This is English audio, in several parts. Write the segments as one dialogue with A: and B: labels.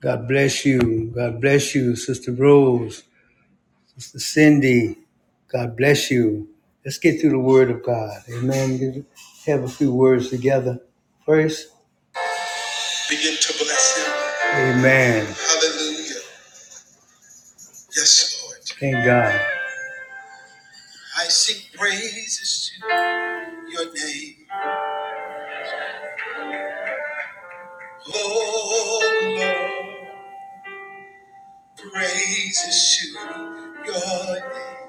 A: God bless you. God bless you, Sister Rose, Sister Cindy. God bless you. Let's get through the Word of God. Amen. Have a few words together first. Begin to bless Him. Amen. Hallelujah. Yes, Lord. Thank God. I sing praises to Your name, oh Lord. Praises to Your name,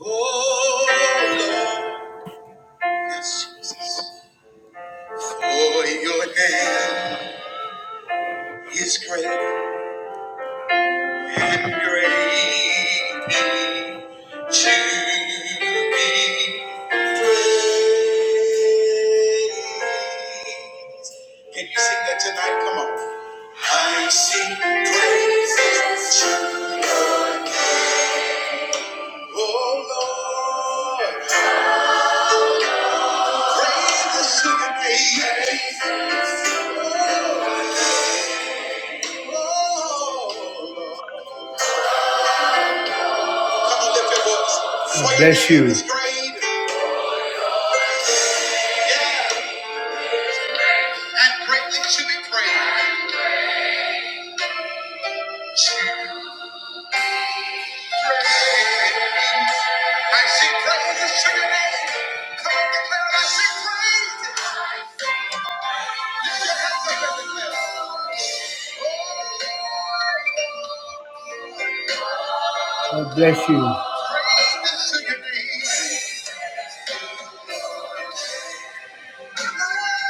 A: oh Lord. Yes, Jesus. For your hand is great and greatly to be praised. Can you sing that tonight? Come on. I sing praises to oh Lord. I will sing praises. Oh Lord. Come on, lift your voice. For God your Bless name you. is great, yeah, and greatly to be praised. I sing praises to your name. Come on, declare it. I sing praises. Lift your hands up and declare it. God bless you. Praises to your name. Your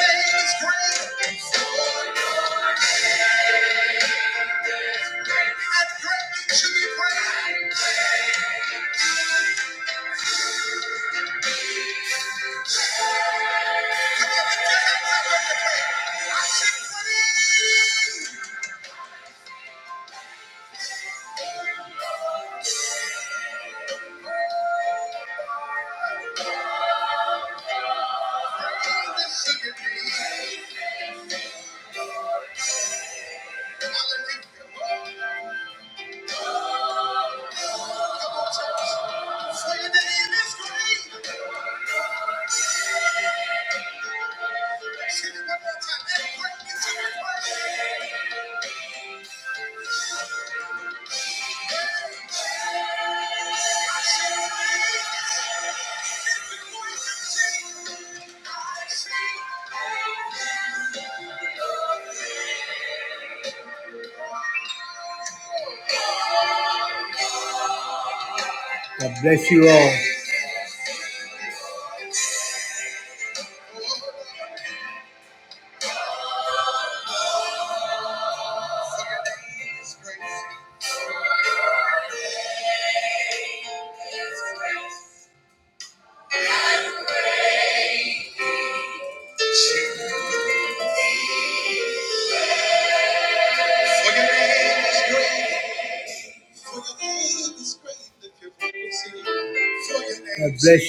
A: name is great and greatly to be praised. Lift your hands up and I sing praises. Praises to your name. Hallelujah. Come on, church. For your name is great. God bless you all. For your name is great. God bless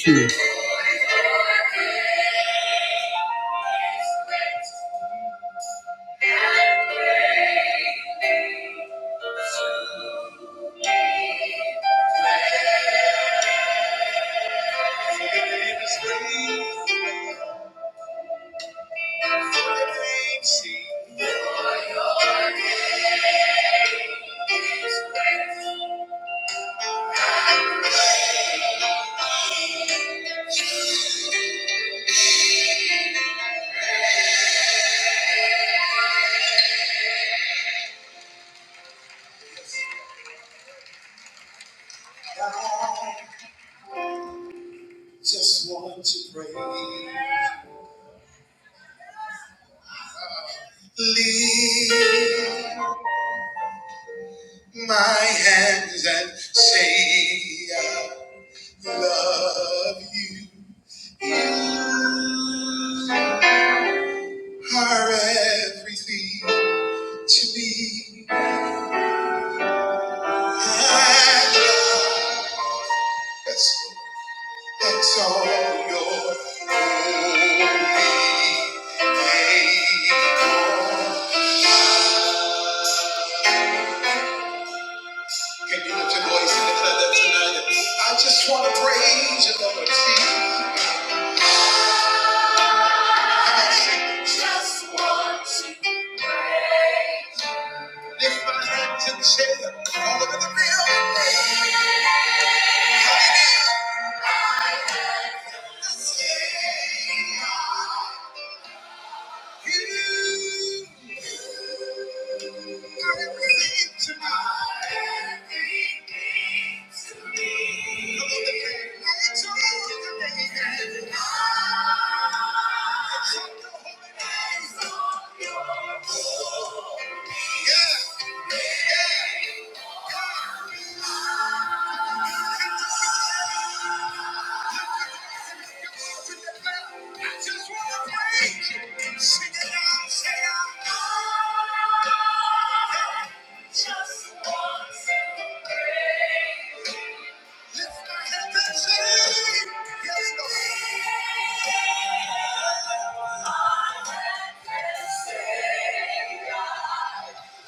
A: you. Just want to pray. Lift my hands and say I love you. You are everything to me. I love you. Exalt your holy name. Can you lift your voice and declare that tonight? I just want to praise you, Lord. See, I just want to praise. you. Lift my hands and say, all over the building. Hallelujah. I am the Savior. Yeah. Yeah.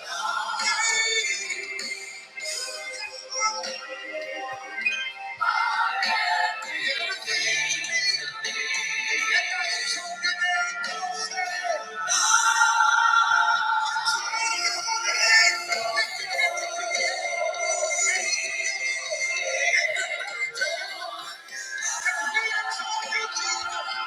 A: Thank you.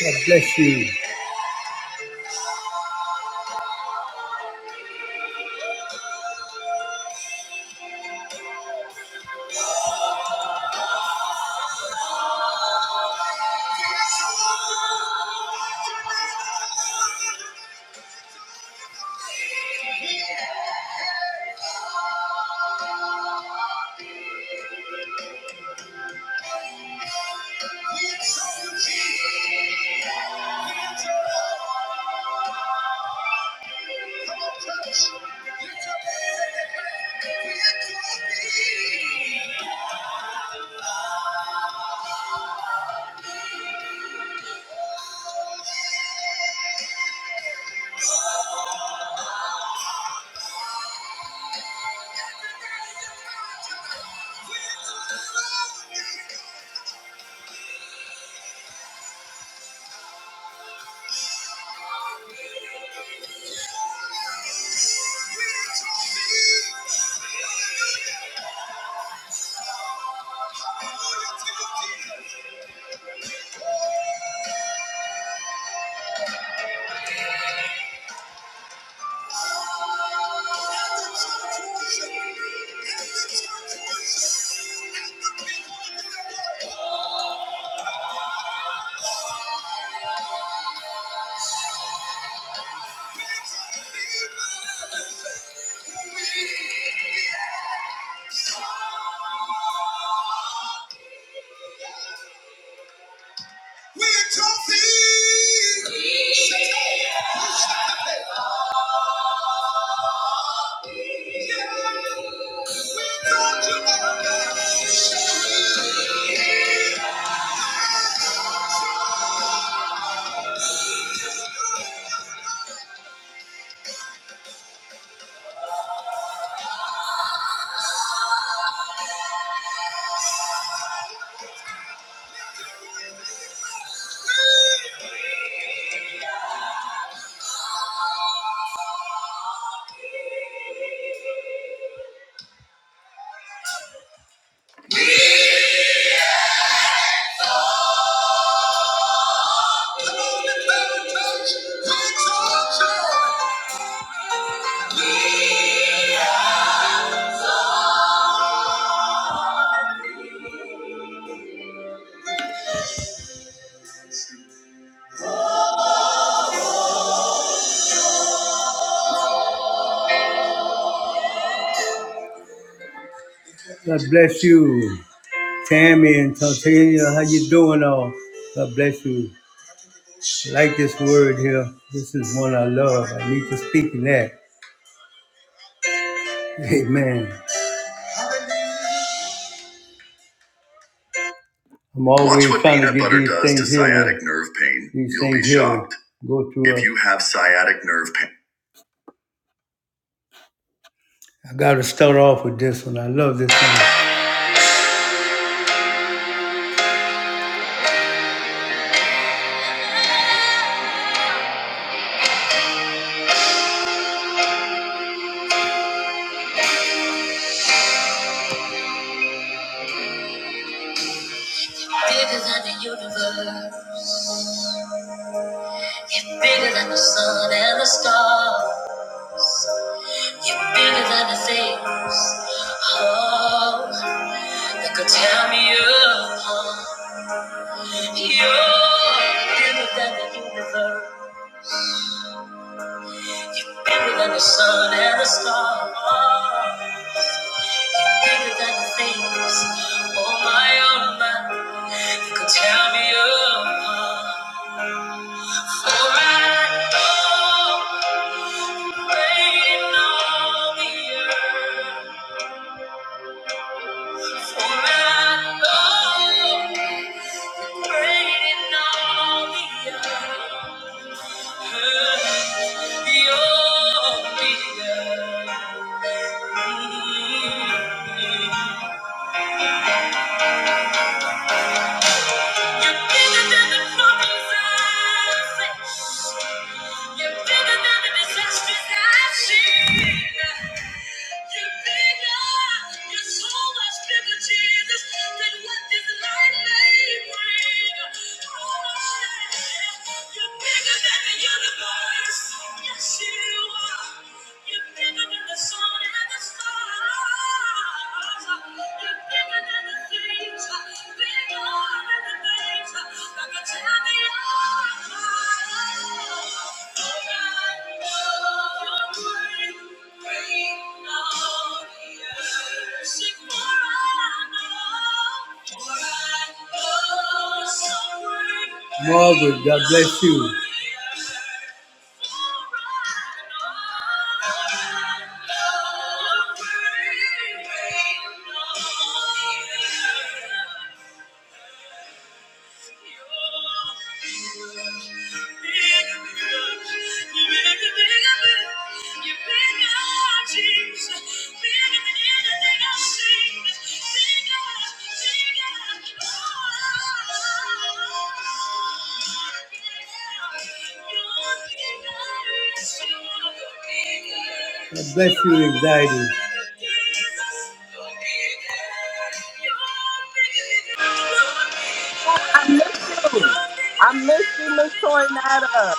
A: God bless you. Thank you. Yeah. God bless you, Tammy and Tatiana. How you doing, all? God bless you. like this word here. This is one I love. I need to speak in that. Amen. I'm always Watch what trying to peanut get butter these does things to things sciatic healed. nerve pain. These You'll things be healed. shocked. Go to if a- you have sciatic nerve pain. I got to start off with this one. I love this one. Bigger than the universe. You're bigger than the sun and the stars. You're bigger than the things. Oh, that could tear me apart. You're bigger than the universe. Bigger than the sun and the stars. Bigger than the things on my own mind that could tear me apart. For I know reign on the earth. For I know reign on the earth. You're bigger than the problems I- You're bigger than the Thank you. Margaret, God bless you. God bless you, anxiety.
B: I miss you. I miss you, Miss Tornado.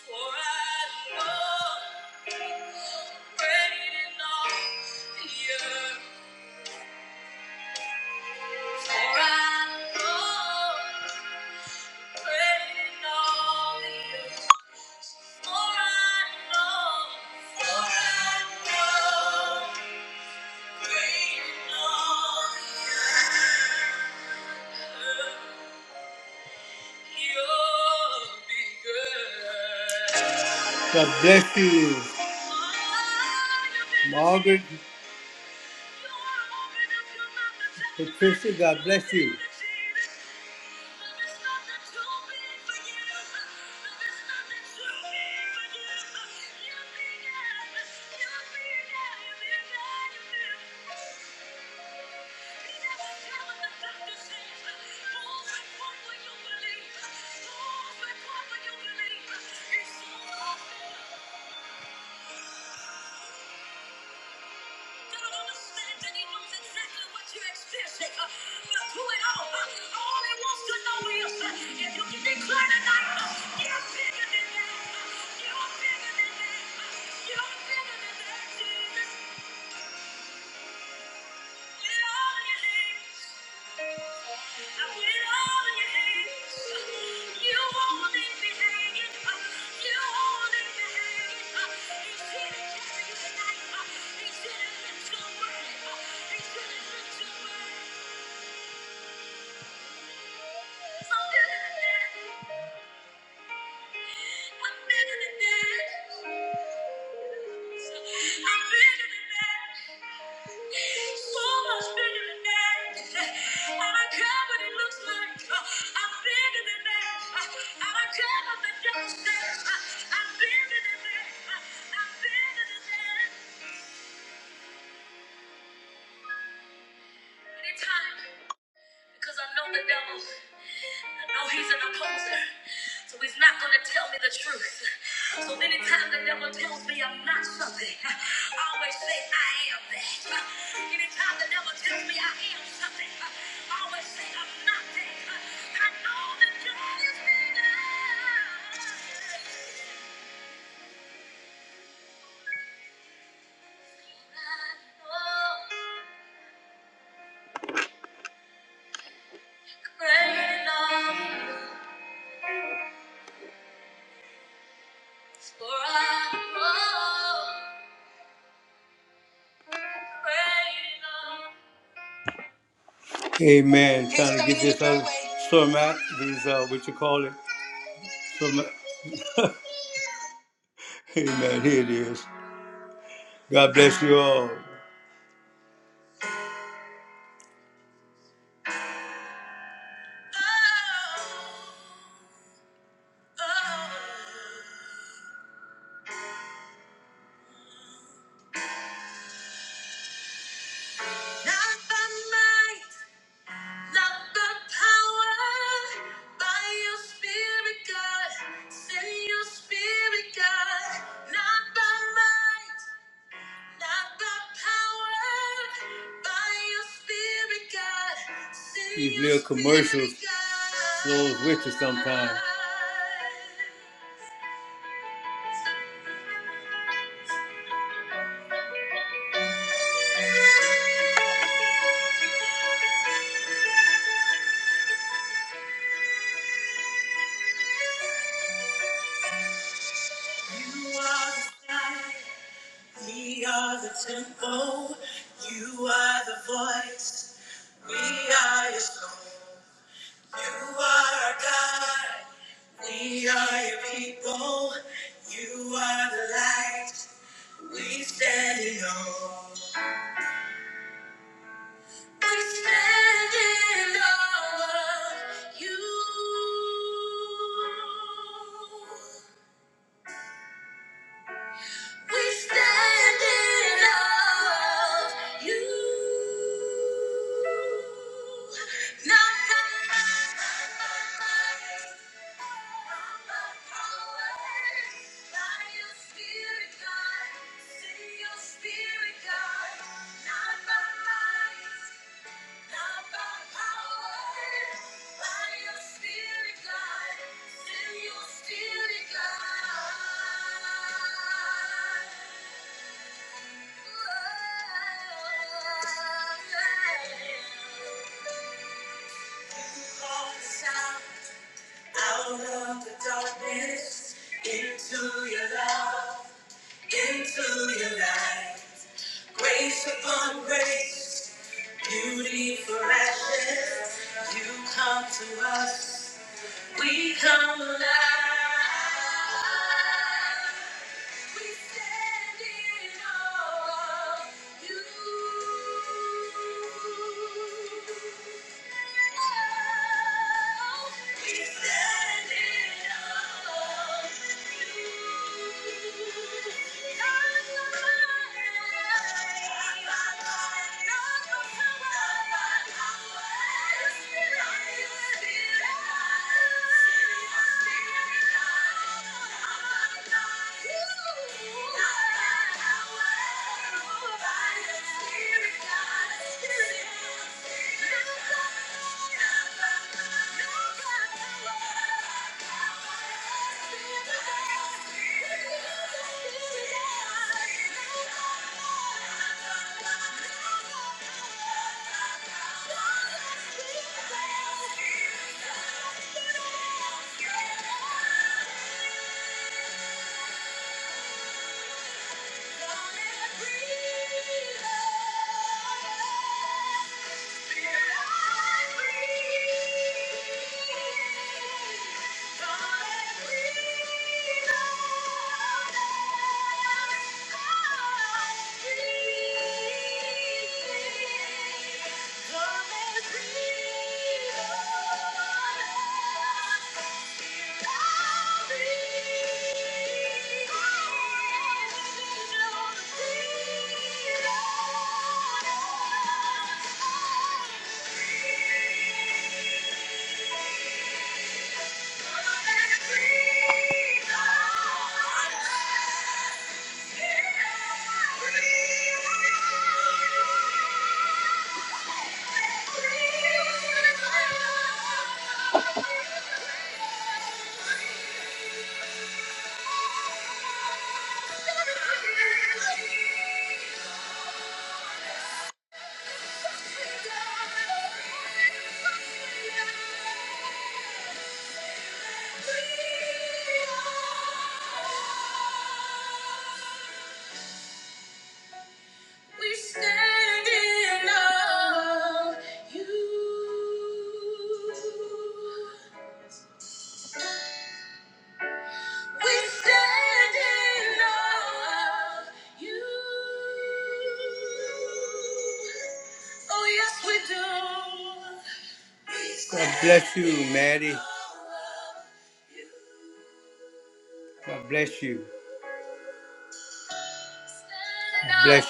A: For I know I'm For I know, God bless you, Margaret, Patricia. God bless you. Amen. Trying to get this out, format, these uh, what you call it, format. Amen. Here it is. God bless you all. Those with you sometime. Maddie, God bless you. Bless,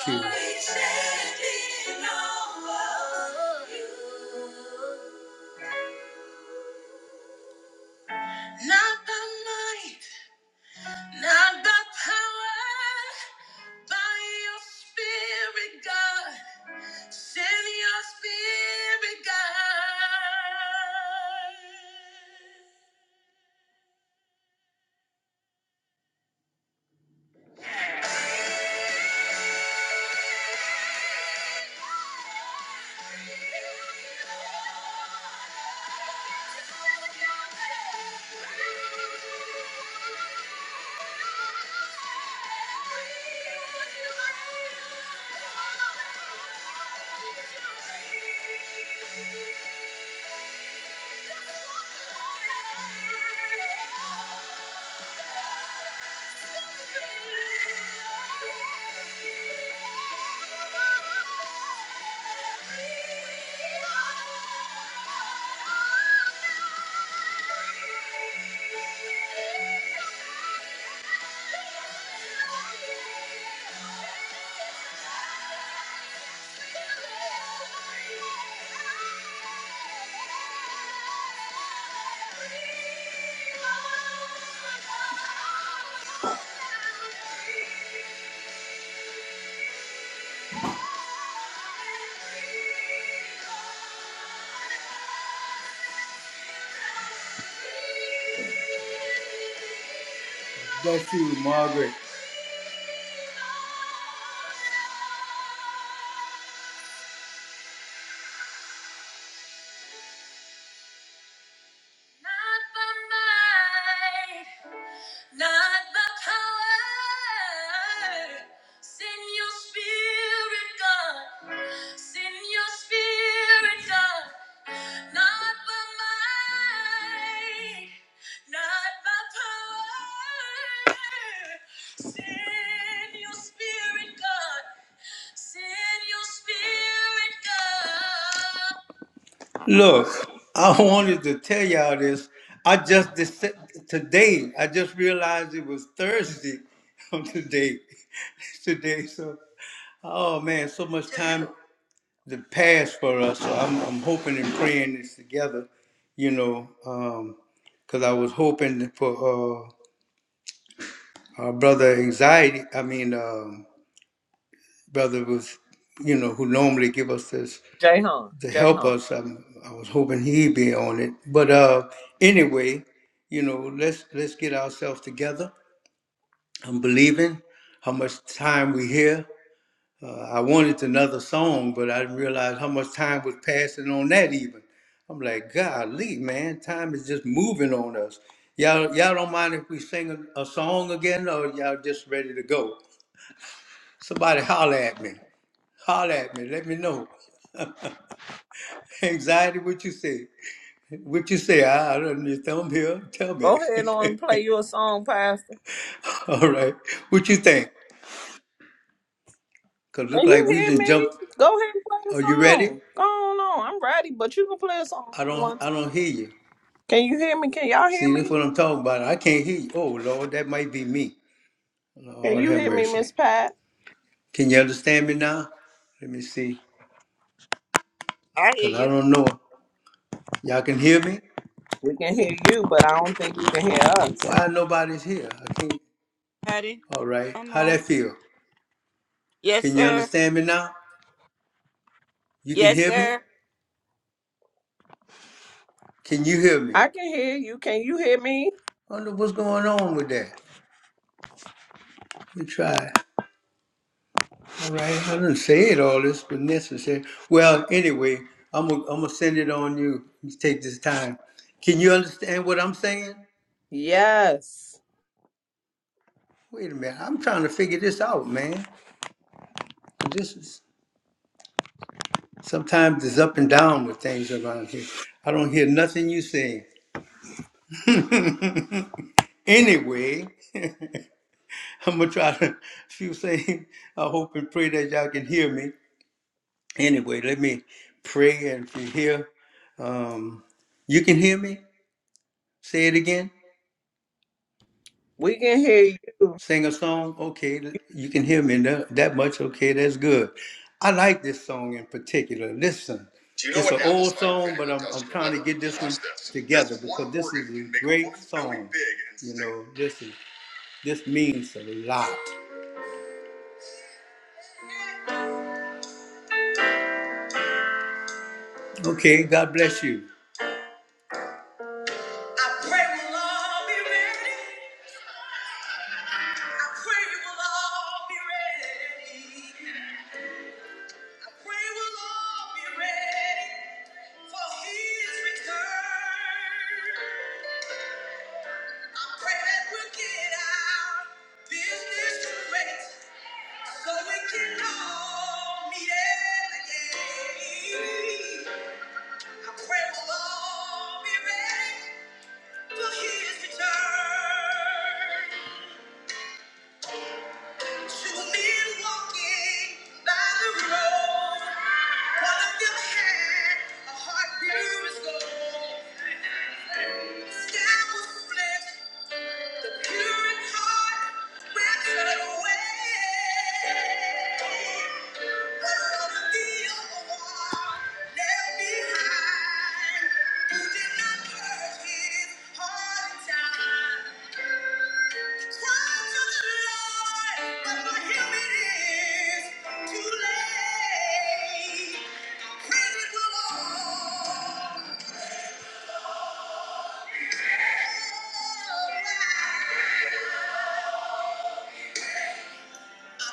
A: bless you, Margaret. Look, I wanted to tell y'all this. I just dec- today I just realized it was Thursday on today. Today, so oh man, so much time. the past for us. So I'm, I'm hoping and praying this together, you know, because um, I was hoping for uh, our brother anxiety. I mean, um, brother was, you know, who normally give us this
B: Jay Hon,
A: to
B: Jay
A: help us. I'm, I was hoping he'd be on it. But uh, anyway, you know, let's let's get ourselves together. I'm believing how much time we here. Uh, I wanted another song, but I didn't realize how much time was passing on that. Even I'm like, golly, man, time is just moving on us. Y'all, y'all don't mind if we sing a, a song again, or y'all just ready to go? Somebody holler at me, holler at me, let me know. Anxiety, what you say? What you say? I, I don't need thumb here. Tell me.
B: Go ahead on and play your song, Pastor.
A: All right, what you think? Cause look
B: Can you
A: like we
B: hear
A: just
B: me?
A: jumped.
B: Go ahead and play the
A: Are you ready?
B: song. Go on, on. I'm ready, but you can play a song
A: I
B: if you
A: don't,
B: want
A: I
B: to.
A: don't hear you.
B: Can you hear me? Can y'all hear
A: See, that's
B: me?
A: what I'm talking about. I can't hear you. Oh, Lord, that might be me.
B: Can
A: Lord
B: you
A: have
B: hear me,
A: mercy.
B: Miss Pat?
A: Can you understand me now? Let me see.
C: I hear
A: Because I
C: you.
A: don't know. Y'all can hear me?
B: We can hear you, but I don't think you can hear us.
A: Why nobody's here? I can't.
C: Patty,
A: All right.
C: I'm
A: How that
C: home.
A: feel?
C: Yes,
A: Can you
C: sir.
A: understand me now? You can
C: Yes,
A: hear me?
C: sir.
A: Can you hear me?
B: I can hear you. Can you hear me?
A: I wonder what's going on with that. Let me try. All right. I didn't say it all this, but necessary. Well, anyway, I'm going I'm to send it on you. You Take this time. Can you understand what I'm saying?
B: Yes.
A: Wait a minute. I'm trying to figure this out, man. This is sometimes it's up and down with things around here. I don't hear nothing you say. Anyway, I'm gonna try to if you say I hope and pray that y'all can hear me. Anyway, let me pray and if you hear um you can hear me? Say it again.
B: We can hear you.
A: sing a song okay you can hear me tha- that much okay that's good i like this song in particular listen you know it's an old song but i'm, I'm trying to get this one together because this is a great song you know this is this means a lot okay god bless you I pray we'll all be ready. I pray we'll all be ready. We will all be ready for his return. I pray that we will get our business straight so we can all meet at the gate. I pray we'll all be ready for his return. Two men walking by the road. One of them had a heart pure as gold. Thank you.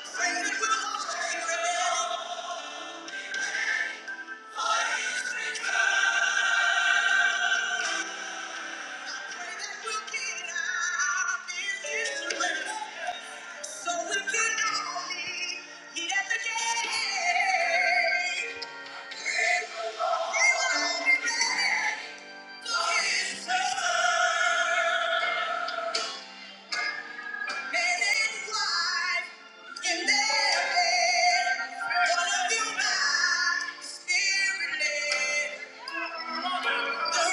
A: Spirit led. You love.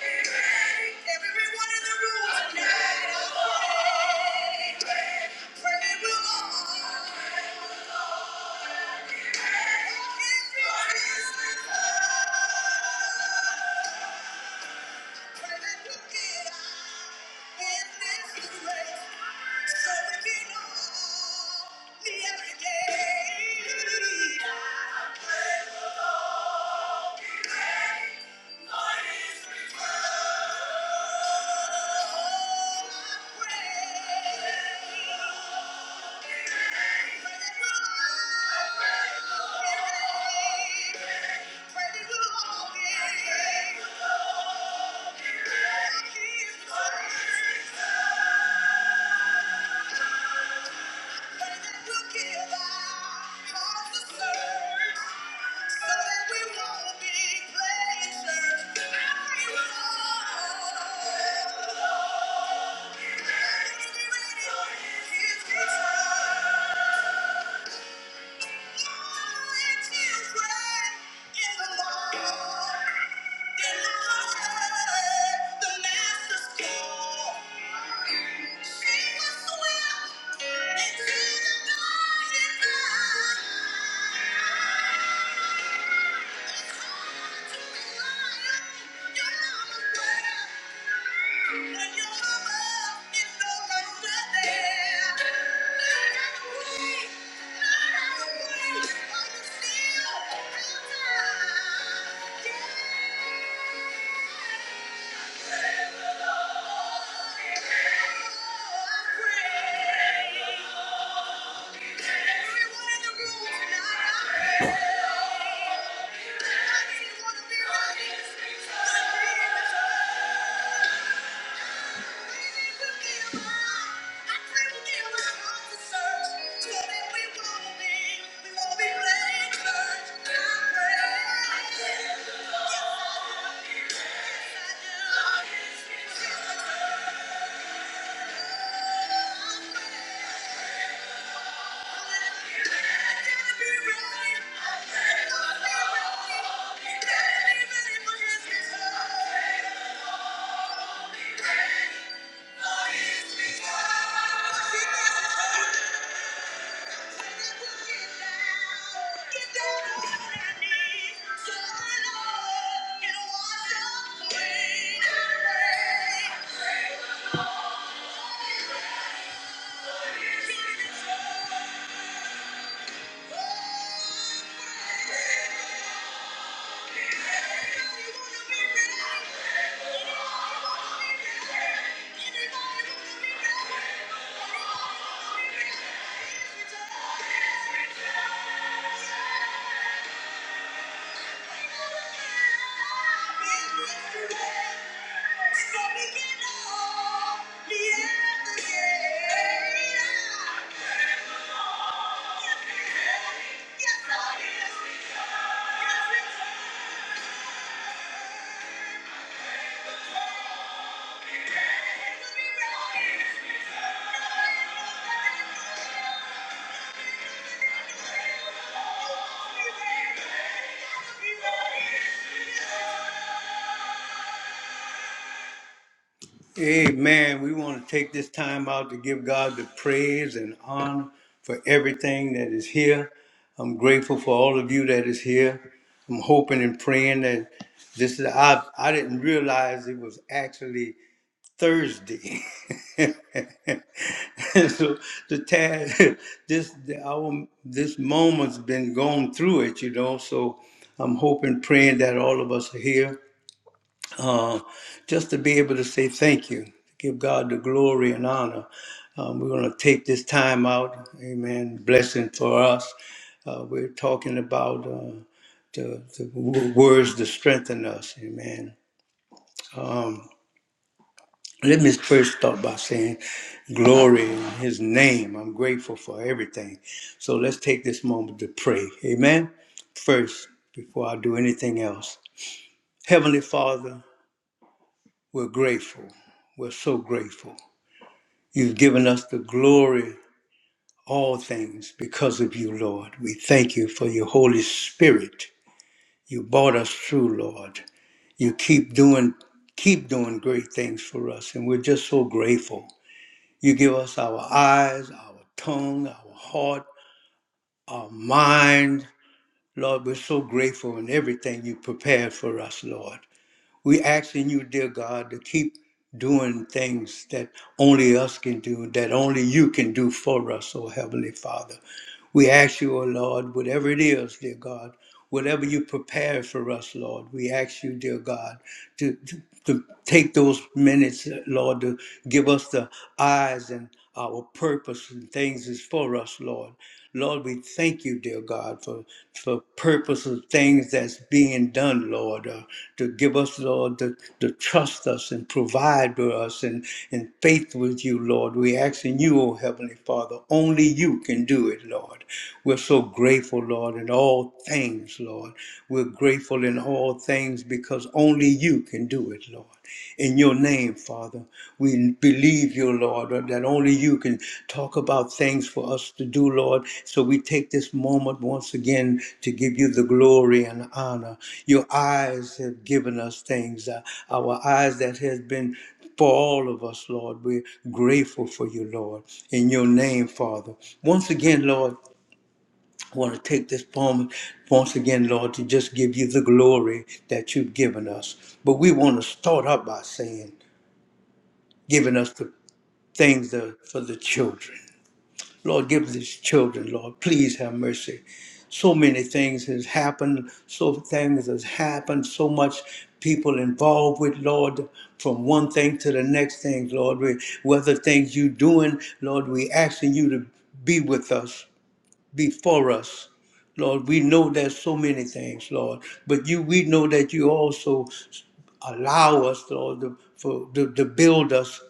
A: Everyone in the pray, pray the Lord. If you just love, pray that you get out in this race, so we can all be every day. I pray the Lord, be ready for his return. Thank you. Thank you. I to be Everyone in the room tonight, I didn't wanna Thank you. Thank you. Yeah. Yes, I Amen. We want to take this time out to give God the praise and honor for everything that is here. I'm grateful for all of you that is here. I'm hoping and praying that this is I I didn't realize it was actually Thursday. And so the task this our this moment's been going through it, you know. So I'm hoping, praying that all of us are here uh, just to be able to say thank you, give God the glory and honor. Um, we're going to take this time out, amen, blessing for us. Uh, we're talking about uh, the, the w- words to strengthen us, amen. Um, let me first start by saying glory in his name. I'm grateful for everything. So let's take this moment to pray, amen, first, before I do anything else. Heavenly Father, We're grateful. We're so grateful. You've given us the glory, all things, because of you, Lord. We thank you for your Holy Spirit. You brought us through, Lord. You keep doing, keep doing great things for us, and we're just so grateful. You give us our eyes, our tongue, our heart, our mind. Lord, we're so grateful in everything you prepared for us, Lord. We asking you, dear God, to keep doing things that only us can do, that only you can do for us, oh Heavenly Father. We ask you, O Lord, whatever it is, dear God, whatever you prepare for us, Lord, we ask you, dear God, to, to, to take those minutes, Lord, to give us the eyes and our purpose and things is for us, Lord. Lord, we thank you, dear God, for for purpose of things that's being done, Lord, uh, to give us, Lord, to, to trust us and provide for us and in faith with you, Lord. We ask in you, O Heavenly Father, only you can do it, Lord. Lord. We're so grateful, Lord, in all things, Lord. We're grateful in all things because only you can do it, Lord. In your name, Father, we believe you, Lord, that only you can talk about things for us to do, Lord. So we take this moment once again to give you the glory and honor. Your eyes have given us things, uh, our eyes that has been for all of us, Lord. We're grateful for you, Lord, in your name, Father. Once again, Lord, I want to take this moment once again, Lord, to just give you the glory that you've given us. But we want to start up by saying, giving us the things that- for the children. Lord, give these children, Lord, please have mercy. So many things has happened, so things has happened, so much people involved with, Lord, from one thing to the next thing, Lord. We, whether things you doing, Lord, we asking you to be with us before us. Lord, we know there's so many things, Lord, but you we know that you also allow us, Lord, to, for, to, to build us,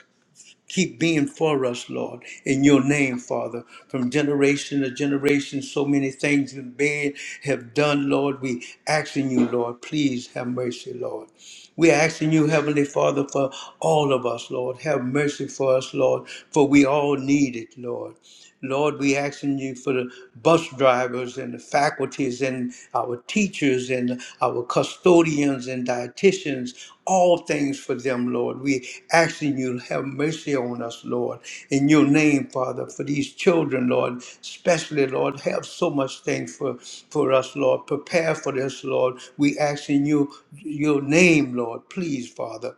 A: keep being for us, Lord, in your name, Father. From generation to generation, so many things have been have done, Lord. We asking you, Lord, please have mercy, Lord. We're asking you, Heavenly Father, for all of us, Lord. Have mercy for us, Lord, for we all need it, Lord. Lord, we asking you for the bus drivers and the faculties and our teachers and our custodians and dietitians, all things for them, Lord. We asking you to have mercy on us, Lord, in your name, Father, for these children, Lord, especially, Lord, have so much things for, for us, Lord. Prepare for this, Lord. We asking you your name, Lord, please, Father.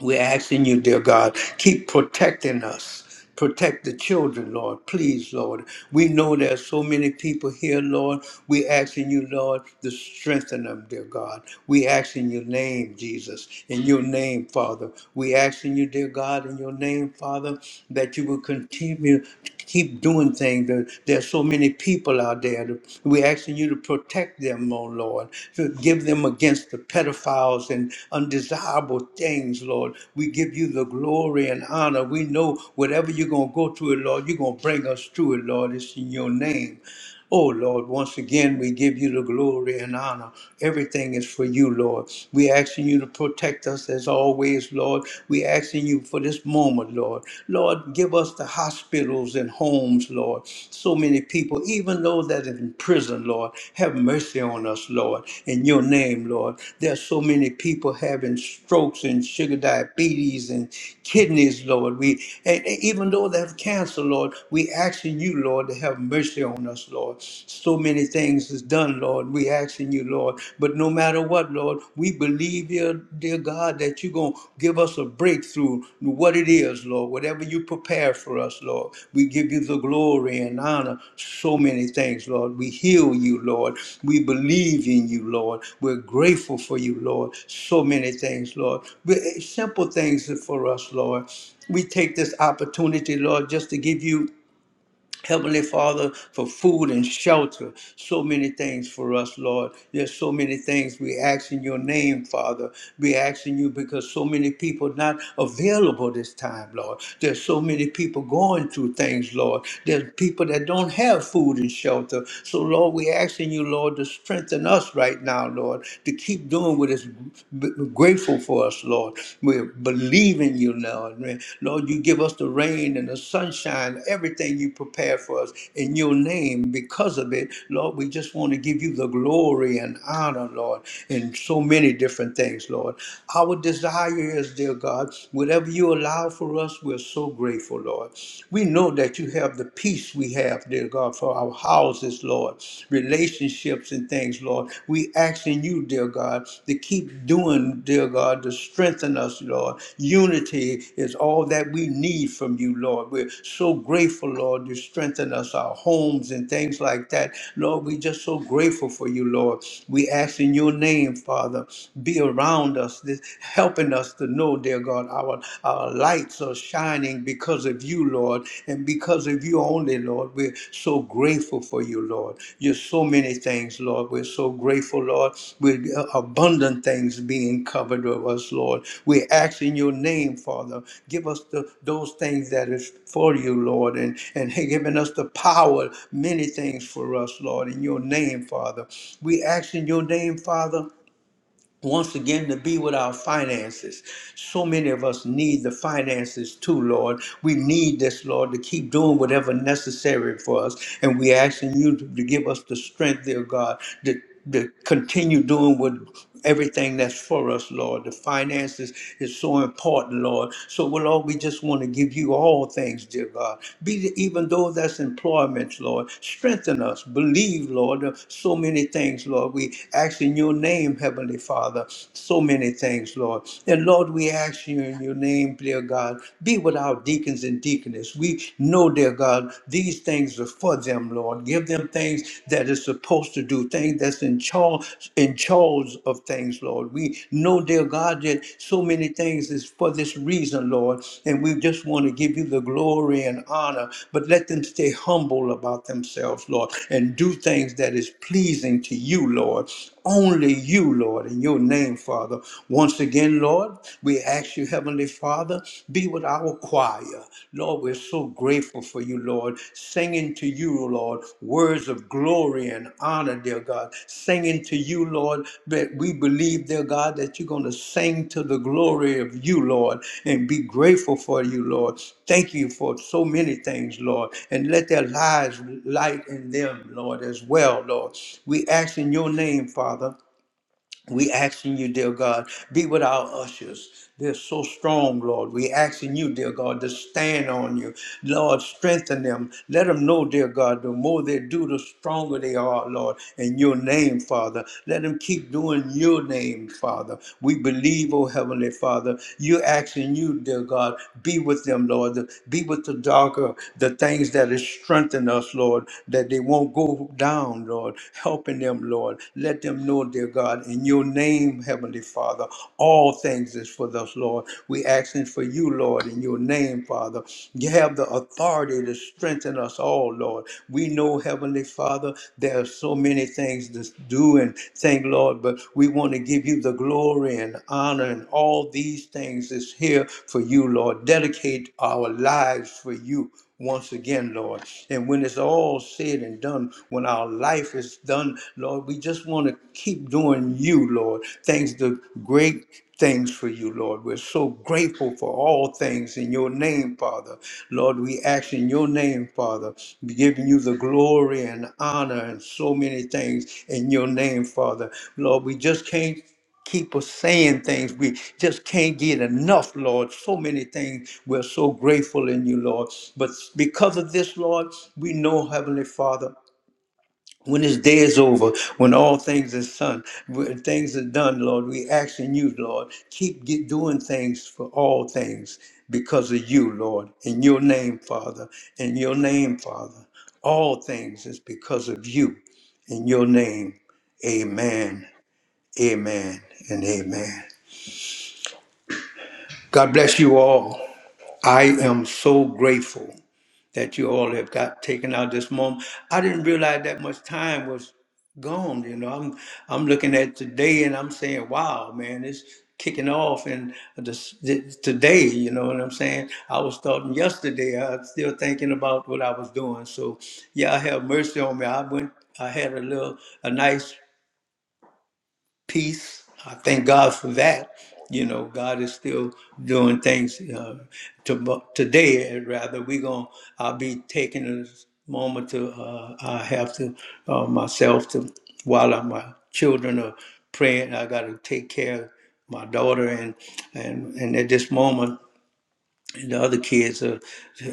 A: We're asking you, dear God, keep protecting us. Protect the children, Lord. Please, Lord. We know there's so many people here, Lord. we asking you, Lord, to strengthen them, dear God. We ask in your name, Jesus, in your name, Father. We asking you, dear God, in your name, Father, that you will continue keep doing things. There- There's so many people out there. We're asking you to protect them, oh Lord, to give them against the pedophiles and undesirable things, Lord. We give you the glory and honor. We know whatever you're going to go through it, Lord, you're going to bring us through it, Lord. It's in your name. Oh Lord, once again we give you the glory and honor. Everything is for you, Lord. We asking you to protect us as always, Lord. We asking you for this moment, Lord. Lord, give us the hospitals and homes, Lord. So many people, even those that are in prison, Lord, have mercy on us, Lord. In your name, Lord. There are so many people having strokes and sugar diabetes and kidneys, Lord. We and and even though they have cancer, Lord, we asking you, Lord, to to have mercy on us, Lord. So many things is done, Lord. We asking you, Lord. But no matter what, Lord, we believe, dear, dear God, that you're going to give us a breakthrough, what it is, Lord. Whatever you prepare for us, Lord. We give you the glory and honor. So many things, Lord. We heal you, Lord. We believe in you, Lord. We're grateful for you, Lord. So many things, Lord. But eh, simple things for us, Lord we take this opportunity, Lord, just to give you Heavenly Father, for food and shelter, so many things for us, Lord. There's so many things we ask in your name, Father. We ask in you because so many people not available this time, Lord. There's so many people going through things, Lord. There's people that don't have food and shelter. So, Lord, we asking you, Lord, to strengthen us right now, Lord, to keep doing what is b- grateful for us, Lord. Lord. We're believing you, Lord. Lord, you give us the rain and the sunshine, everything you prepare for us in your name because of it. Lord, we just want to give you the glory and honor, Lord, in so many different things, Lord. Our desire is, dear God, whatever you allow for us, we're so grateful, Lord. We know that you have the peace we have, dear God, for our houses, Lord relationships and things, Lord. We asking you, dear God, to keep doing, dear God, to strengthen us, Lord. Unity is all that we need from you, Lord. We're so grateful, Lord, you strengthen us, our homes and things like that. Lord, we are just so grateful for you, Lord. We ask in your name, Father, be around us, this, helping us to know, dear God, our, our lights are shining shining because of you, Lord, and because of you only, Lord. We're so grateful for you, Lord. You're so many things, Lord. We're so grateful, Lord, with uh, abundant things being covered with us, Lord. We're asking your name, Father. Give us the, those things that is for you, Lord, and, and giving us the power, many things for us, Lord, in your name, Father. We ask in your name, Father once again to be with our finances. So many of us need the finances too, Lord. We need this, Lord, to keep doing whatever necessary for us. And we asking you to, to give us the strength, dear God, to, to continue doing what everything that's for us, Lord. The finances is so important, Lord. So, well, Lord, we just want to give you all things, dear God. Be even though that's employment, Lord, strengthen us. Believe, Lord. So many things, Lord. We ask in your name, Heavenly. Heavenly Father, so many things, Lord. And Lord, we ask you in your name, dear God, be with our deacons and deaconess. We know, dear God, these things are for them, Lord. Give them things that is supposed to do, things that's in charge, in charge of things, Lord. We know, dear God, that so many things is for this reason, Lord. And we just want to give you the glory and honor, but let them stay humble about themselves, Lord, and do things that is pleasing to you, Lord. Only you, Lord, in your name, Father. Once again, Lord, we ask you, Heavenly Father, be with our choir. Lord, we're so grateful for you, Lord, singing to you, Lord, words of glory and honor, dear God, singing to you, Lord, that we believe, dear God, that you're going to sing to the glory of you, Lord, and be grateful for you, Lord. Thank you for so many things, Lord, and let their lives light in them, Lord, as well, Lord. We ask in your name, Father. We asking you, dear God, be with our ushers. They're so strong, Lord. We asking you, dear God, to stand on you. Lord, strengthen them. Let them know, dear God, the more they do, the stronger they are, Lord, in your name, Father. Let them keep doing your name, Father. We believe, oh Heavenly Father, you asking you, dear God, be with them, Lord. Be with the darker, the things that is strengthen us, Lord, that they won't go down, Lord. Helping them, Lord. Let. Let them know, dear God, in your name, Heavenly Father, all things is for us, Lord. We asking for you, Lord, in your name, Father. You have the authority to strengthen us all, Lord. We know, Heavenly Father, there are so many things to do and think, Lord, but we want to give you the glory and honor and all these things is here for you, Lord. Dedicate our lives for you once again, Lord. And when it's all said and done, when our life is done, Lord, we just want to keep doing you, Lord. Thanks to great things for you, Lord. We're so grateful for all things in your name, Father. Lord, we ask in your name, Father, giving you the glory and honor and so many things in your name, Father. Lord, we just can't keep us saying things we just can't get enough, Lord. So many things we're so grateful in you, Lord. But because of this, Lord, we know, Heavenly Father. When this day is over, when all things is done, when things are done, Lord, we ask in you, Lord, keep get doing things for all things because of you, Lord, in your name, Father, in your name, Father. All things is because of you, in your name. Amen, amen, and amen. God bless you all. I am so grateful that you all have got taken out this moment. I didn't realize that much time was gone. You know, I'm I'm looking at today and I'm saying, wow, man, it's kicking off and this, this- today, you know what I'm saying? I was starting yesterday. I was still thinking about what I was doing. So yeah, have mercy on me. I went I had a little a nice peace. I thank God for that. You know, God is still doing things uh, to, today. uh, Rather, we going to I'll be taking a moment to uh, I have to uh, myself to while I, my children are praying. I got to take care of my daughter and and and at this moment and the other kids are,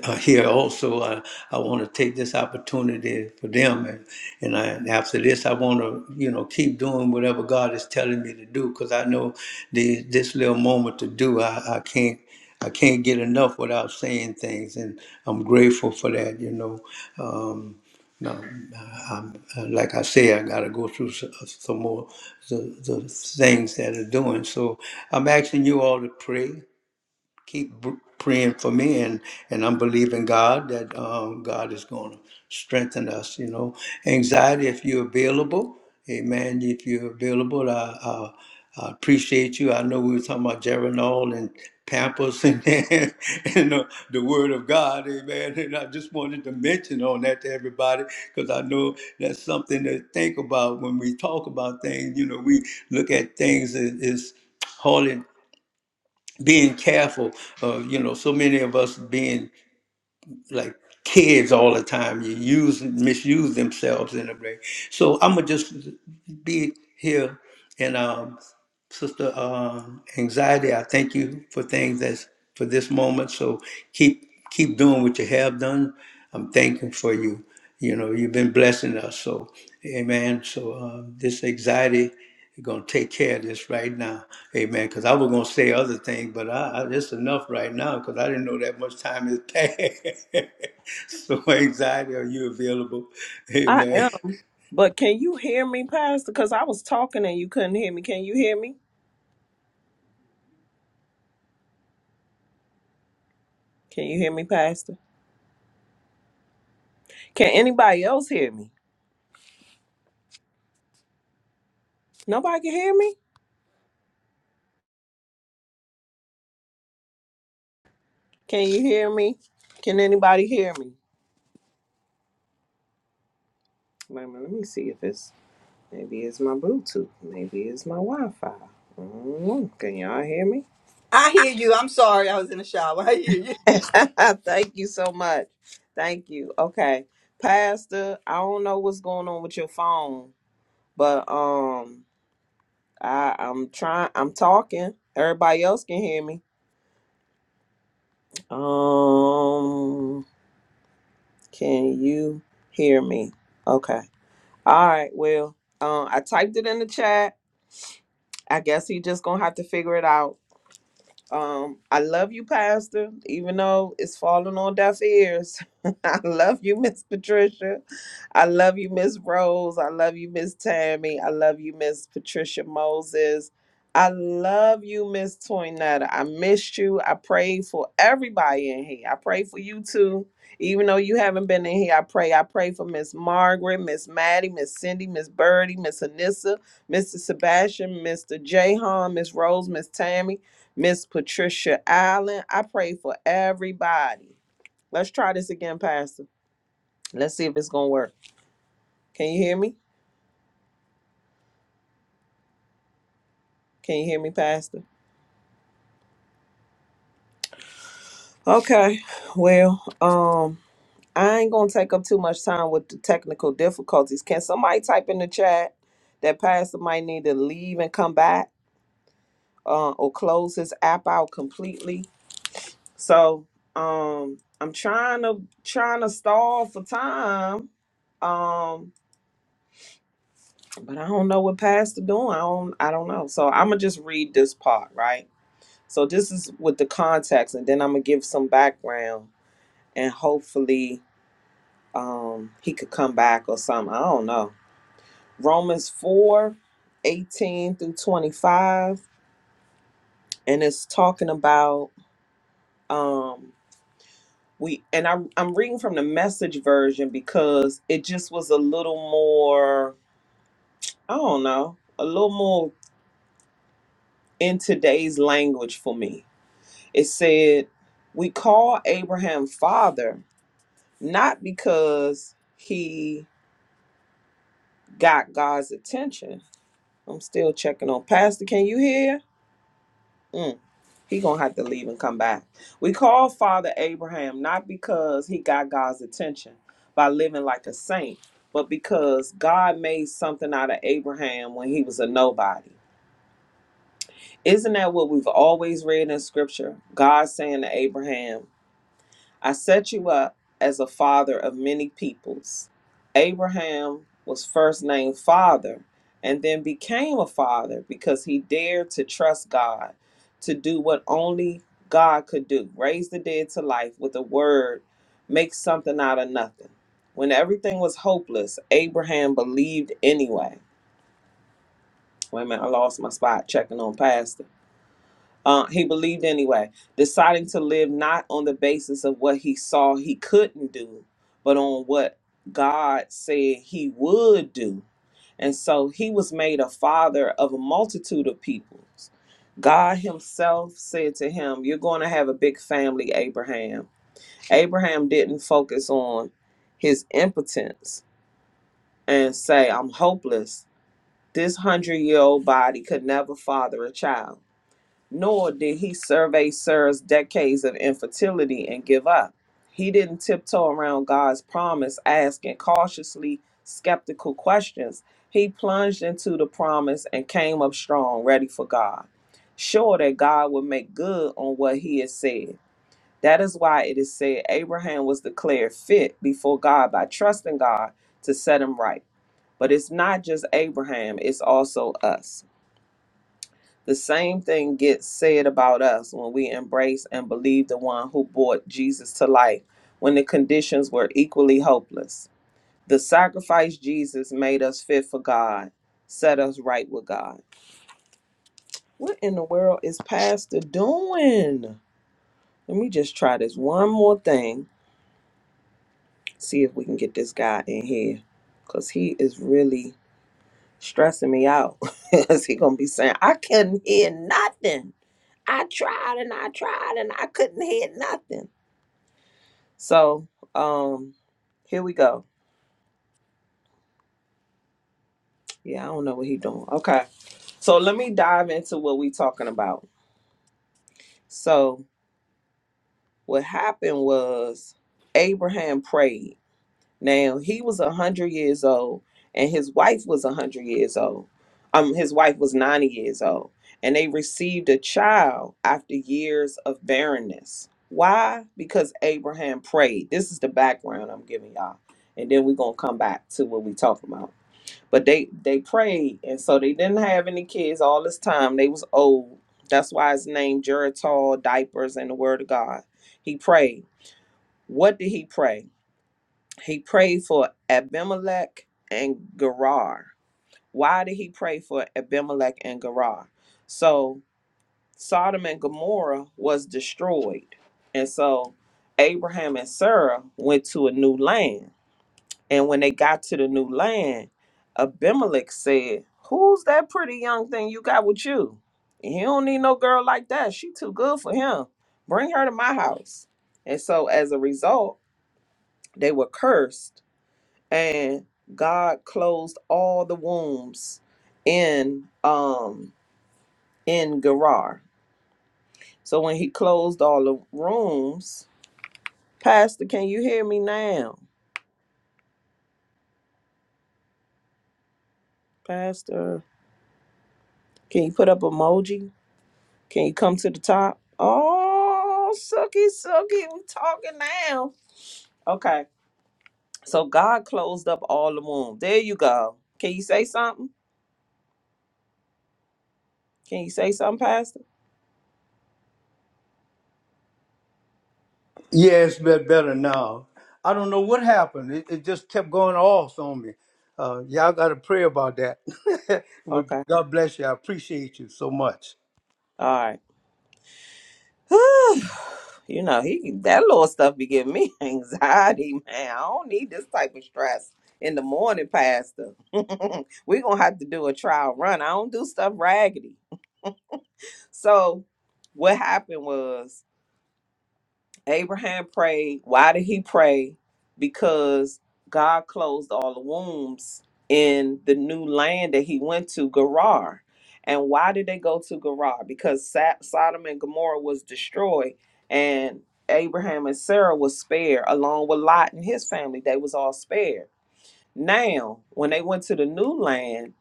A: are here also. I, I want to take this opportunity for them, and and I, after this, I want to you know keep doing whatever God is telling me to do because I know the, this little moment to do, I, I can't. I can't get enough without saying things, and I'm grateful for that. You know, um, no, I'm, uh, like I say, I got to go through s- uh, some more the, the things that are doing. So I'm asking you all to pray keep b- praying for me and and i'm believing god that um, god is going to strengthen us you know anxiety if you're available amen if you're available i, I, I appreciate you i know we were talking about geranol and pampers and, and, the, the word of god amen and i just wanted to mention on that to everybody because i know that's something to think about when we talk about things you know we look at things as, as holy being careful of you know so many of us being like kids all the time you use misuse themselves in a way so i'm gonna just be here and um. Sister uh, Anxiety, I thank you for things that's for this moment. So keep keep doing what you have done. I'm thankful for you. You know, you've been blessing us. So, amen. So uh, this anxiety, you're going to take care of this right now. Amen. Because I was going to say other things, but I, I it's enough right now because I didn't know that much time has passed. so anxiety, are you available?
B: I
A: Amen.
B: am. But can you hear me, Pastor? Because I was talking and you couldn't hear me. Can you hear me? Can you hear me, Pastor? Can anybody else hear me? Nobody can hear me? Can you hear me? Can anybody hear me? Wait a minute, let me see if it's maybe it's my Bluetooth. Maybe it's my Wi-Fi. I don't know. Can y'all hear me?
C: I hear you. I'm sorry. I was in the shower. I hear you.
B: Thank you so much. Thank you. Okay. Pastor, I don't know what's going on with your phone, but um I, I'm trying I'm talking. Everybody else can hear me. Um Can you hear me? Okay. All right. Well, um, I typed it in the chat. I guess he just gonna have to figure it out. Um, I love you, Pastor, even though it's falling on deaf ears. I love you, Miss Patricia. I love you, Miss Rose. I love you, Miss Tammy. I love you, Miss Patricia Moses. I love you, Miss Toinetta. I missed you. I prayed for everybody in here. I pray for you too. Even though you haven't been in here, I pray. I pray for Miss Margaret, Miss Maddie, Miss Cindy, Miss Birdie, Miss Anissa, Mr. Sebastian, Mr. Jahan, Miss Rose, Miss Tammy, Miss Patricia Allen. I pray for everybody. Let's try this again, Pastor. Let's see if it's gonna work. Can you hear me? Can you hear me, Pastor? Okay. Well, um, I ain't gonna take up too much time with the technical difficulties. Can somebody type in the chat that Pastor might need to leave and come back, uh, or close his app out completely? So, um, I'm trying to trying to stall for time. Um, but I don't know what Pastor doing. I don't I don't know. So I'm gonna just read this part, right? So this is with the context, and then I'm gonna give some background, and hopefully um he could come back or something. I don't know. Romans 4, 18 through 25. And it's talking about um we and I I'm reading from the message version because it just was a little more, I don't know, a little more in today's language for me. It said, We call Abraham father, not because he got God's attention. I'm still checking on Pastor. Can you hear? Mm. He gonna have to leave and come back. We call Father Abraham not because he got God's attention by living like a saint, but because God made something out of Abraham when he was a nobody. Isn't that what we've always read in scripture? God saying to Abraham, I set you up as a father of many peoples. Abraham was first named father and then became a father because he dared to trust God to do what only God could do raise the dead to life with a word, make something out of nothing. When everything was hopeless, Abraham believed anyway. Wait a minute, I lost my spot checking on Pastor. Uh, he believed anyway, deciding to live not on the basis of what he saw he couldn't do, but on what God said he would do. And so he was made a father of a multitude of peoples. God himself said to him, You're going to have a big family, Abraham. Abraham didn't focus on his impotence and say, I'm hopeless. This hundred year old body could never father a child nor did he survey Sarah's decades of infertility and give up. He didn't tiptoe around God's promise, asking cautiously skeptical questions. He plunged into the promise and came up strong, ready for God, sure that God would make good on what he had said. That is why it is said Abraham was declared fit before God by trusting God to set him right. But it's not just Abraham, it's also us. The same thing gets said about us when we embrace and believe the one who brought Jesus to life when the conditions were equally hopeless. The sacrifice Jesus made us fit for God, set us right with God. What in the world is Pastor doing? Let me just try this one more thing, see if we can get this guy in here because he is really stressing me out. Is he gonna be saying, I couldn't hear nothing. I tried and I tried and I couldn't hear nothing. So um here we go. Yeah, I don't know what he doing. Okay. So let me dive into what we talking about. So what happened was Abraham prayed Now he was a hundred years old, and his wife was a hundred years old. Um, his wife was ninety years old, and they received a child after years of barrenness. Why? Because Abraham prayed. This is the background I'm giving y'all, and then we're gonna come back to what we talking about. But they they prayed, and so they didn't have any kids all this time. They was old. That's why it's named Geritol diapers and the Word of God. He prayed. What did he pray? He prayed for Abimelech and Gerar. Why did he pray for Abimelech and Gerar? So Sodom and Gomorrah was destroyed. And so Abraham and Sarah went to a new land. And when they got to the new land, Abimelech said, Who's that pretty young thing you got with you? He don't need no girl like that. She too good for him. Bring her to my house. And so as a result, they were cursed and God closed all the wombs in um in Gerar. So when he closed all the rooms, Pastor, can you hear me now? Pastor, can you put up emoji? Can you come to the top? Oh, sucky, sucky, we talking now. Okay. So God closed up all the wombs. There you go. Can you say something? Can you say something, Pastor?
A: Yeah, it's been better now. I don't know what happened. It, it just kept going off on me. Uh, y'all got to pray about that. but
B: Okay.
A: God bless you. I appreciate you so much.
B: All right. you know, he that little stuff be giving me anxiety, man. I don't need this type of stress in the morning, Pastor. We're gonna have to do a trial run. I don't do stuff raggedy. So what happened was Abraham prayed. Why did he pray? Because God closed all the wombs in the new land that he went to, Gerar. And why did they go to Gerar? Because Sa- Sodom and Gomorrah was destroyed, and Abraham and Sarah was spared, along with Lot and his family. They was all spared. Now, when they went to the new land,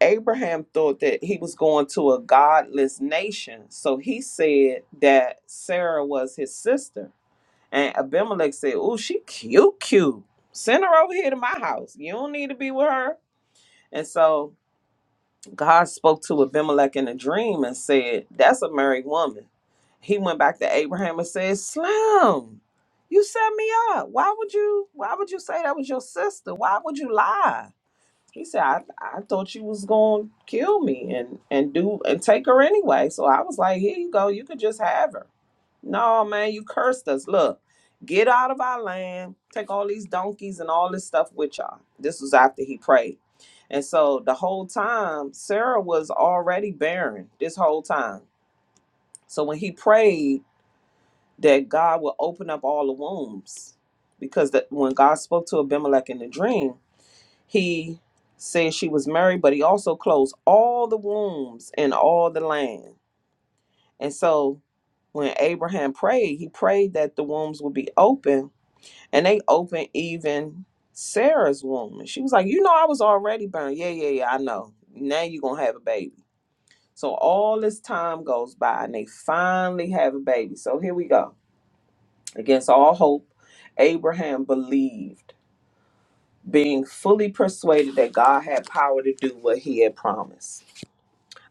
B: Abraham thought that he was going to a godless nation. So he said that Sarah was his sister. And Abimelech said, Oh, she cute, cute. Send her over here to my house. You don't need to be with her. And so God spoke to Abimelech in a dream and said, That's a married woman. He went back to Abraham and said, Slim, you set me up. Why would you why would you say that was your sister? Why would you lie? He said, I, I thought you was gonna kill me and, and do and take her anyway. So I was like, Here you go, you could just have her. No, man, you cursed us. Look, get out of our land, take all these donkeys and all this stuff with y'all. This was after he prayed. And so the whole time, Sarah was already barren this whole time. So when he prayed that God would open up all the wombs, because that when God spoke to Abimelech in the dream, he said she was married, but he also closed all the wombs in all the land. And so when Abraham prayed, he prayed that the wombs would be open, and they opened even Sarah's womb. And she was like, You know, I was already burned. Yeah, yeah, yeah, I know. Now you're going to have a baby. So all this time goes by, and they finally have a baby. So here we go. Against all hope, Abraham believed being fully persuaded that God had power to do what he had promised.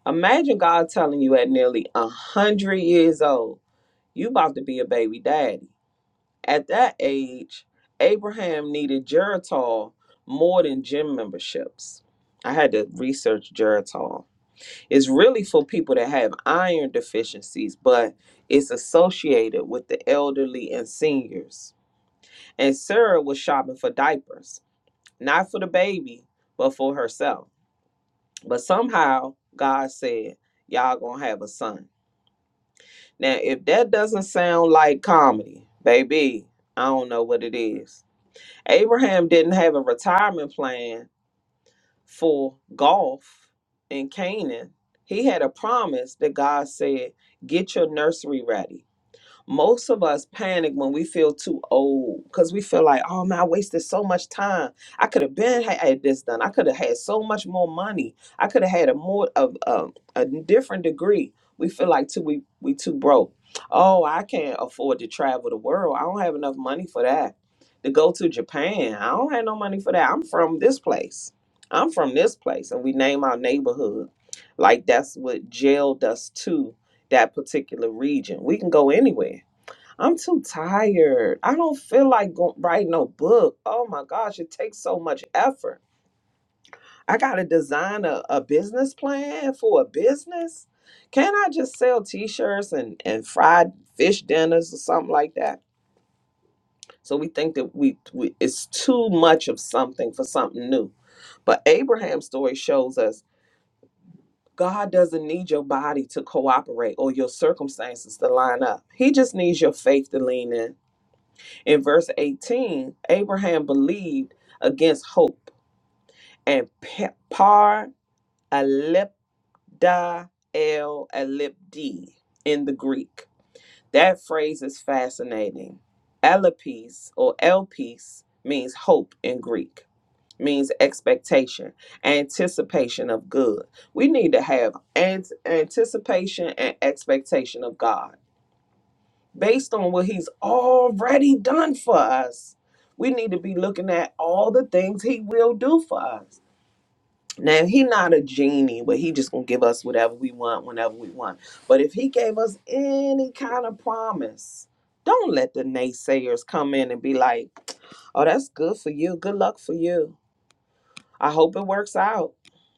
B: Imagine God telling you at nearly a hundred years old, you about to be a baby daddy. At that age, Abraham needed Geritol more than gym memberships. I had to research Geritol. It's really for people that have iron deficiencies, but it's associated with the elderly and seniors. And Sarah was shopping for diapers, not for the baby, but for herself. But somehow God said, Y'all gonna have a son. Now, if that doesn't sound like comedy, baby, I don't know what it is. Abraham didn't have a retirement plan for golf in Canaan. He had a promise that God said, Get your nursery ready most of us panic when we feel too old because we feel like, oh man, I wasted so much time. I could have been ha- had this done. I could have had so much more money. I could have had a more of um, a different degree. We feel like too we we too broke. Oh, I can't afford to travel the world. I don't have enough money for that. To go to Japan, I don't have no money for that. I'm from this place. I'm from this place, and we name our neighborhood like that's what jailed us to that particular region. We can go anywhere I'm too tired. I don't feel like go- writing no book. Oh my gosh, it takes so much effort. I got to design a, a business plan for a business. Can I just sell t-shirts and, and fried fish dinners or something like that? So we think that we, we it's too much of something for something new. But Abraham's story shows us God doesn't need your body to cooperate or your circumstances to line up. He just needs your faith to lean in In verse 18, Abraham believed against hope and pe- par alepda el alipdi in the Greek. That phrase is fascinating. Alipis or elpis means hope in Greek, means expectation, anticipation of good. We need to have an- anticipation and expectation of God based on what he's already done for us. We need to be looking at all the things he will do for us. Now he not a genie, but he just gonna give us whatever we want whenever we want. But if he gave us any kind of promise, don't let the naysayers come in and be like, "Oh, that's good for you. Good luck for you. I hope it works out."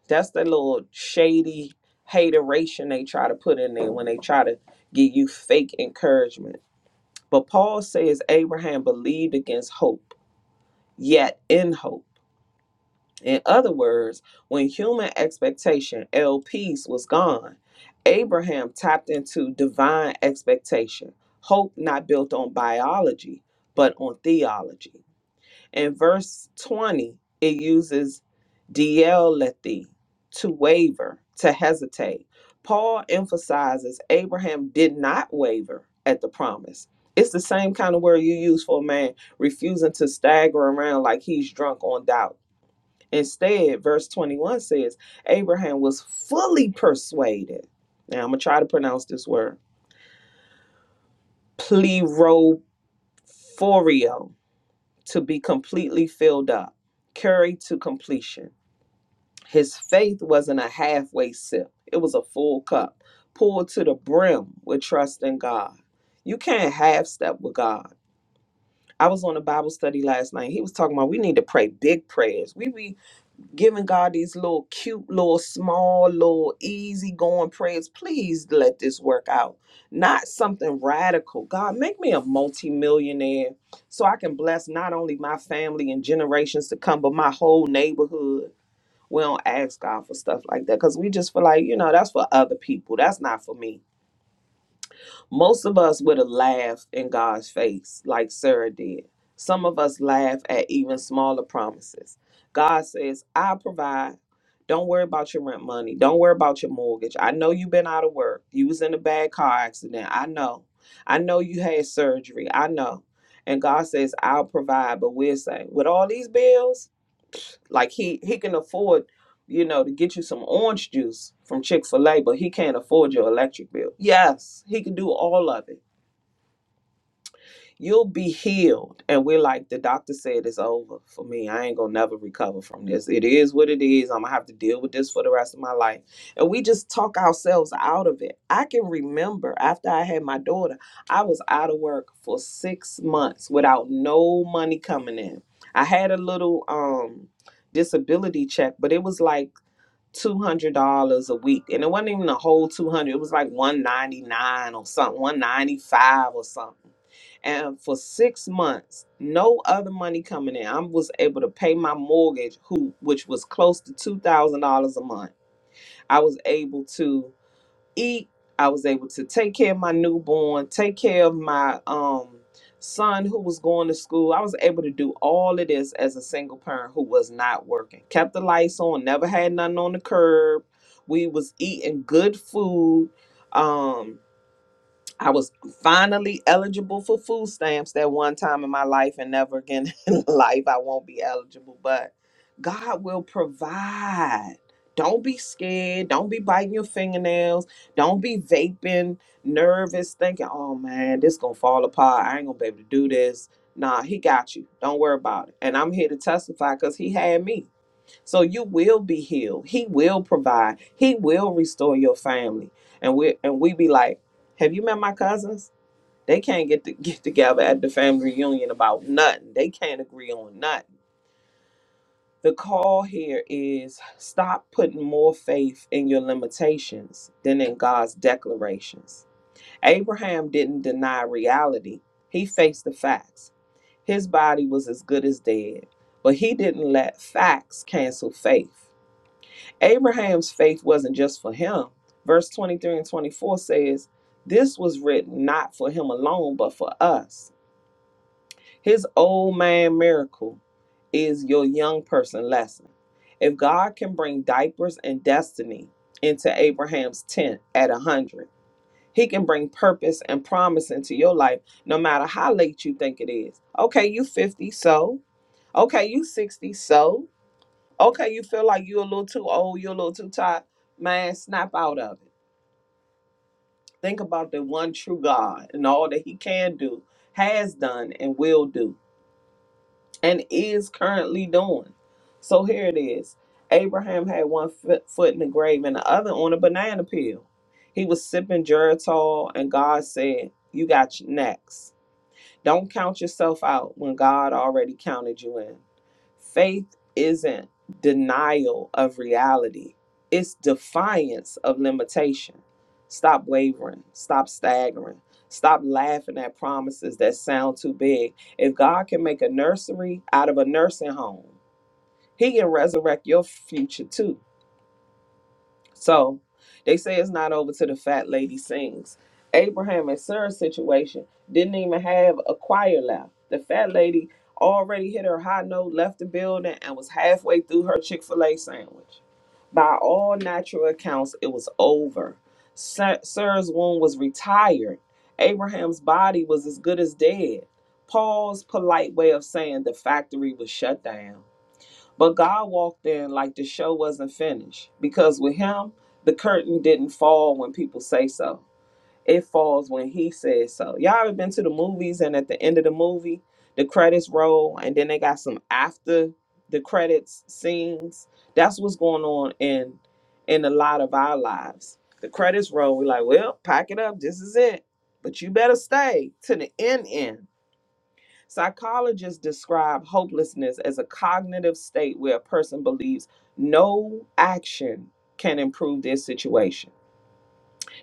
B: That's the little shady hateration they try to put in there when they try to give you fake encouragement but Paul says Abraham believed against hope, yet in hope. In other words, when human expectation, El Peace, was gone, Abraham tapped into divine expectation, hope not built on biology, but on theology. In verse 20, it uses dielethi, to waver, to hesitate. Paul emphasizes Abraham did not waver at the promise. It's the same kind of word you use for a man refusing to stagger around like he's drunk on doubt. Instead, verse 21 says, Abraham was fully persuaded. Now I'm going to try to pronounce this word plerothorio, to be completely filled up, carried to completion His faith wasn't a halfway sip, it was a full cup, poured to the brim with trust in God. You can't half step with God. I was on a Bible study last night. He was talking about we need to pray big prayers. We be giving God these little cute, little small, little easy going prayers. Please let this work out. Not something radical. God, make me a multimillionaire so I can bless not only my family and generations to come, but my whole neighborhood we don't ask God for stuff like that because we just feel like, you know, that's for other people. That's not for me. Most of us would have laughed in God's face like Sarah did. Some of us laugh at even smaller promises. God says, I provide. Don't worry about your rent money. Don't worry about your mortgage. I know you've been out of work. You was in a bad car accident. I know. I know you had surgery. I know. And God says, I'll provide. But we'll say, with all these bills, juice. Like he he can afford, you know, to get you some orange juice from Chick Fil A, but he can't afford your electric bill. Yes, he can do all of it You'll be healed. And we're like, the doctor said it's over for me. I ain't gonna never recover from this. It is what it is. I'm gonna have to deal with this for the rest of my life. And we just talk ourselves out of it. I can remember after I had my daughter, I was out of work for six months without no money coming in. I had a little um disability check, but it was like two hundred dollars a week, and it wasn't even a whole two hundred. It was like one ninety nine or something, one ninety five or something. And for six months, no other money coming in. I was able to pay my mortgage, who which was close to two thousand dollars a month. I was able to eat. I was able to take care of my newborn, take care of my um son who was going to school. I was able to do all of this as a single parent who was not working. Kept the lights on, never had nothing on the curb. We was eating good food. Um I was finally eligible for food stamps that one time in my life, and never again in life I won't be eligible. But God will provide. Don't be scared. Don't be biting your fingernails. Don't be vaping, nervous, thinking, oh man, this gonna fall apart. I ain't gonna be able to do this. Nah, he got you. Don't worry about it. And I'm here to testify because he had me. So you will be healed. He will provide. He will restore your family. And we and we be like, have you met my cousins? They can't get to get together at the family reunion about nothing. They can't agree on nothing. The call here is stop putting more faith in your limitations than in God's declarations. Abraham didn't deny reality. He faced the facts. His body was as good as dead, but he didn't let facts cancel faith. Abraham's faith wasn't just for him. Verse 23 and 24 says, This was written not for him alone, but for us. His old man miracle is your young person lesson. If God can bring diapers and destiny into Abraham's tent at 100, he can bring purpose and promise into your life no matter how late you think it is. Okay, you 50, so. Okay, you 60, so. Okay, you feel like you're a little too old, you're a little too tired. Man, snap out of it. Think about the one true God and all that He can do, has done, and will do, and is currently doing. So here it is Abraham had one foot foot in the grave and the other on a banana peel. He was sipping Geritol, and God said, You got you next. Don't count yourself out when God already counted you in. Faith isn't denial of reality, it's defiance of limitation. Stop wavering, stop staggering, stop laughing at promises that sound too big. If God can make a nursery out of a nursing home, He can resurrect your future too. So they say it's not over till the fat lady sings. Abraham and Sarah's situation didn't even have a choir left. The fat lady already hit her high note, left the building, and was halfway through her Chick fil A sandwich. By all natural accounts, it was over. Sa- Sarah's womb was retired. Abraham's body was as good as dead. Paul's polite way of saying the factory was shut down. But God walked in like the show wasn't finished because with him, the curtain didn't fall when people say so. It falls when he says so. Y'all ever been to the movies and at the end of the movie, the credits roll and then they got some after the credits scenes. That's what's going on in in a lot of our lives. The credits roll, we're like, well, pack it up, this is it. But you better stay to the end end Psychologists describe hopelessness as a cognitive state where a person believes no action can improve their situation.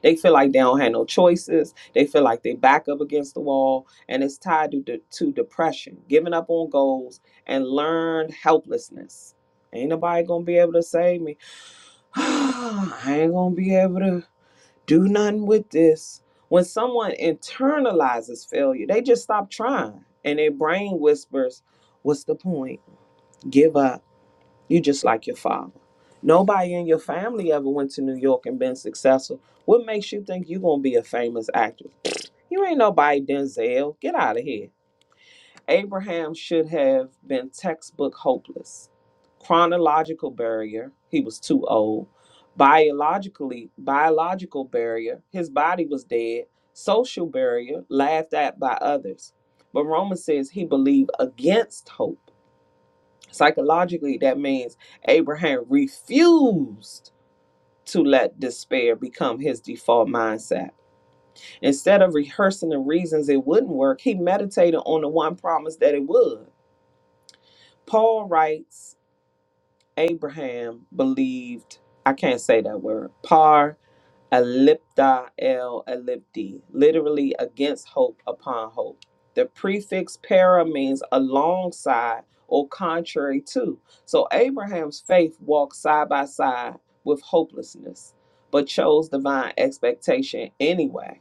B: They feel like they don't have no choices. They feel like they back up against the wall, and it's tied to, de- to depression, giving up on goals, and learned helplessness. Ain't nobody gonna be able to save me. I ain't gonna be able to do nothing with this. When someone internalizes failure, they just stop trying and their brain whispers, What's the point? Give up. You just like your father. Nobody in your family ever went to New York and been successful. What makes you think you're gonna be a famous actress? You ain't nobody Denzel. Get out of here. Abraham should have been textbook hopeless. Chronological barrier, he was too old. Biologically, biological barrier, his body was dead. Social barrier, laughed at by others. But Romans says he believed against hope. Psychologically, that means Abraham refused to let despair become his default mindset. Instead of rehearsing the reasons it wouldn't work, he meditated on the one promise that it would. Paul writes Abraham believed, I can't say that word, par ellipta el ellipti, literally against hope upon hope. The prefix para means alongside or contrary to. So Abraham's faith walked side by side with hopelessness, but chose divine expectation anyway.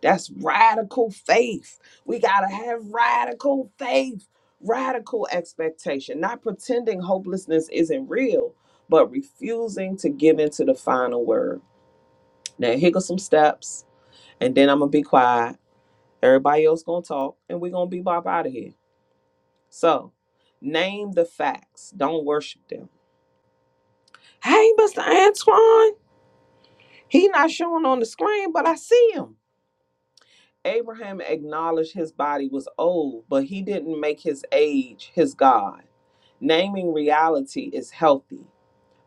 B: That's radical faith. We got to have radical faith, radical expectation, not pretending hopelessness isn't real, but refusing to give into the final word. Now, here go some steps, and then I'm going to be quiet. Everybody else going to talk, and we're going to be bop out of here. So, name the facts. Don't worship them. Hey, Mr. Antoine, he not showing on the screen, but I see him. Abraham acknowledged his body was old, but he didn't make his age his God. Naming reality is healthy,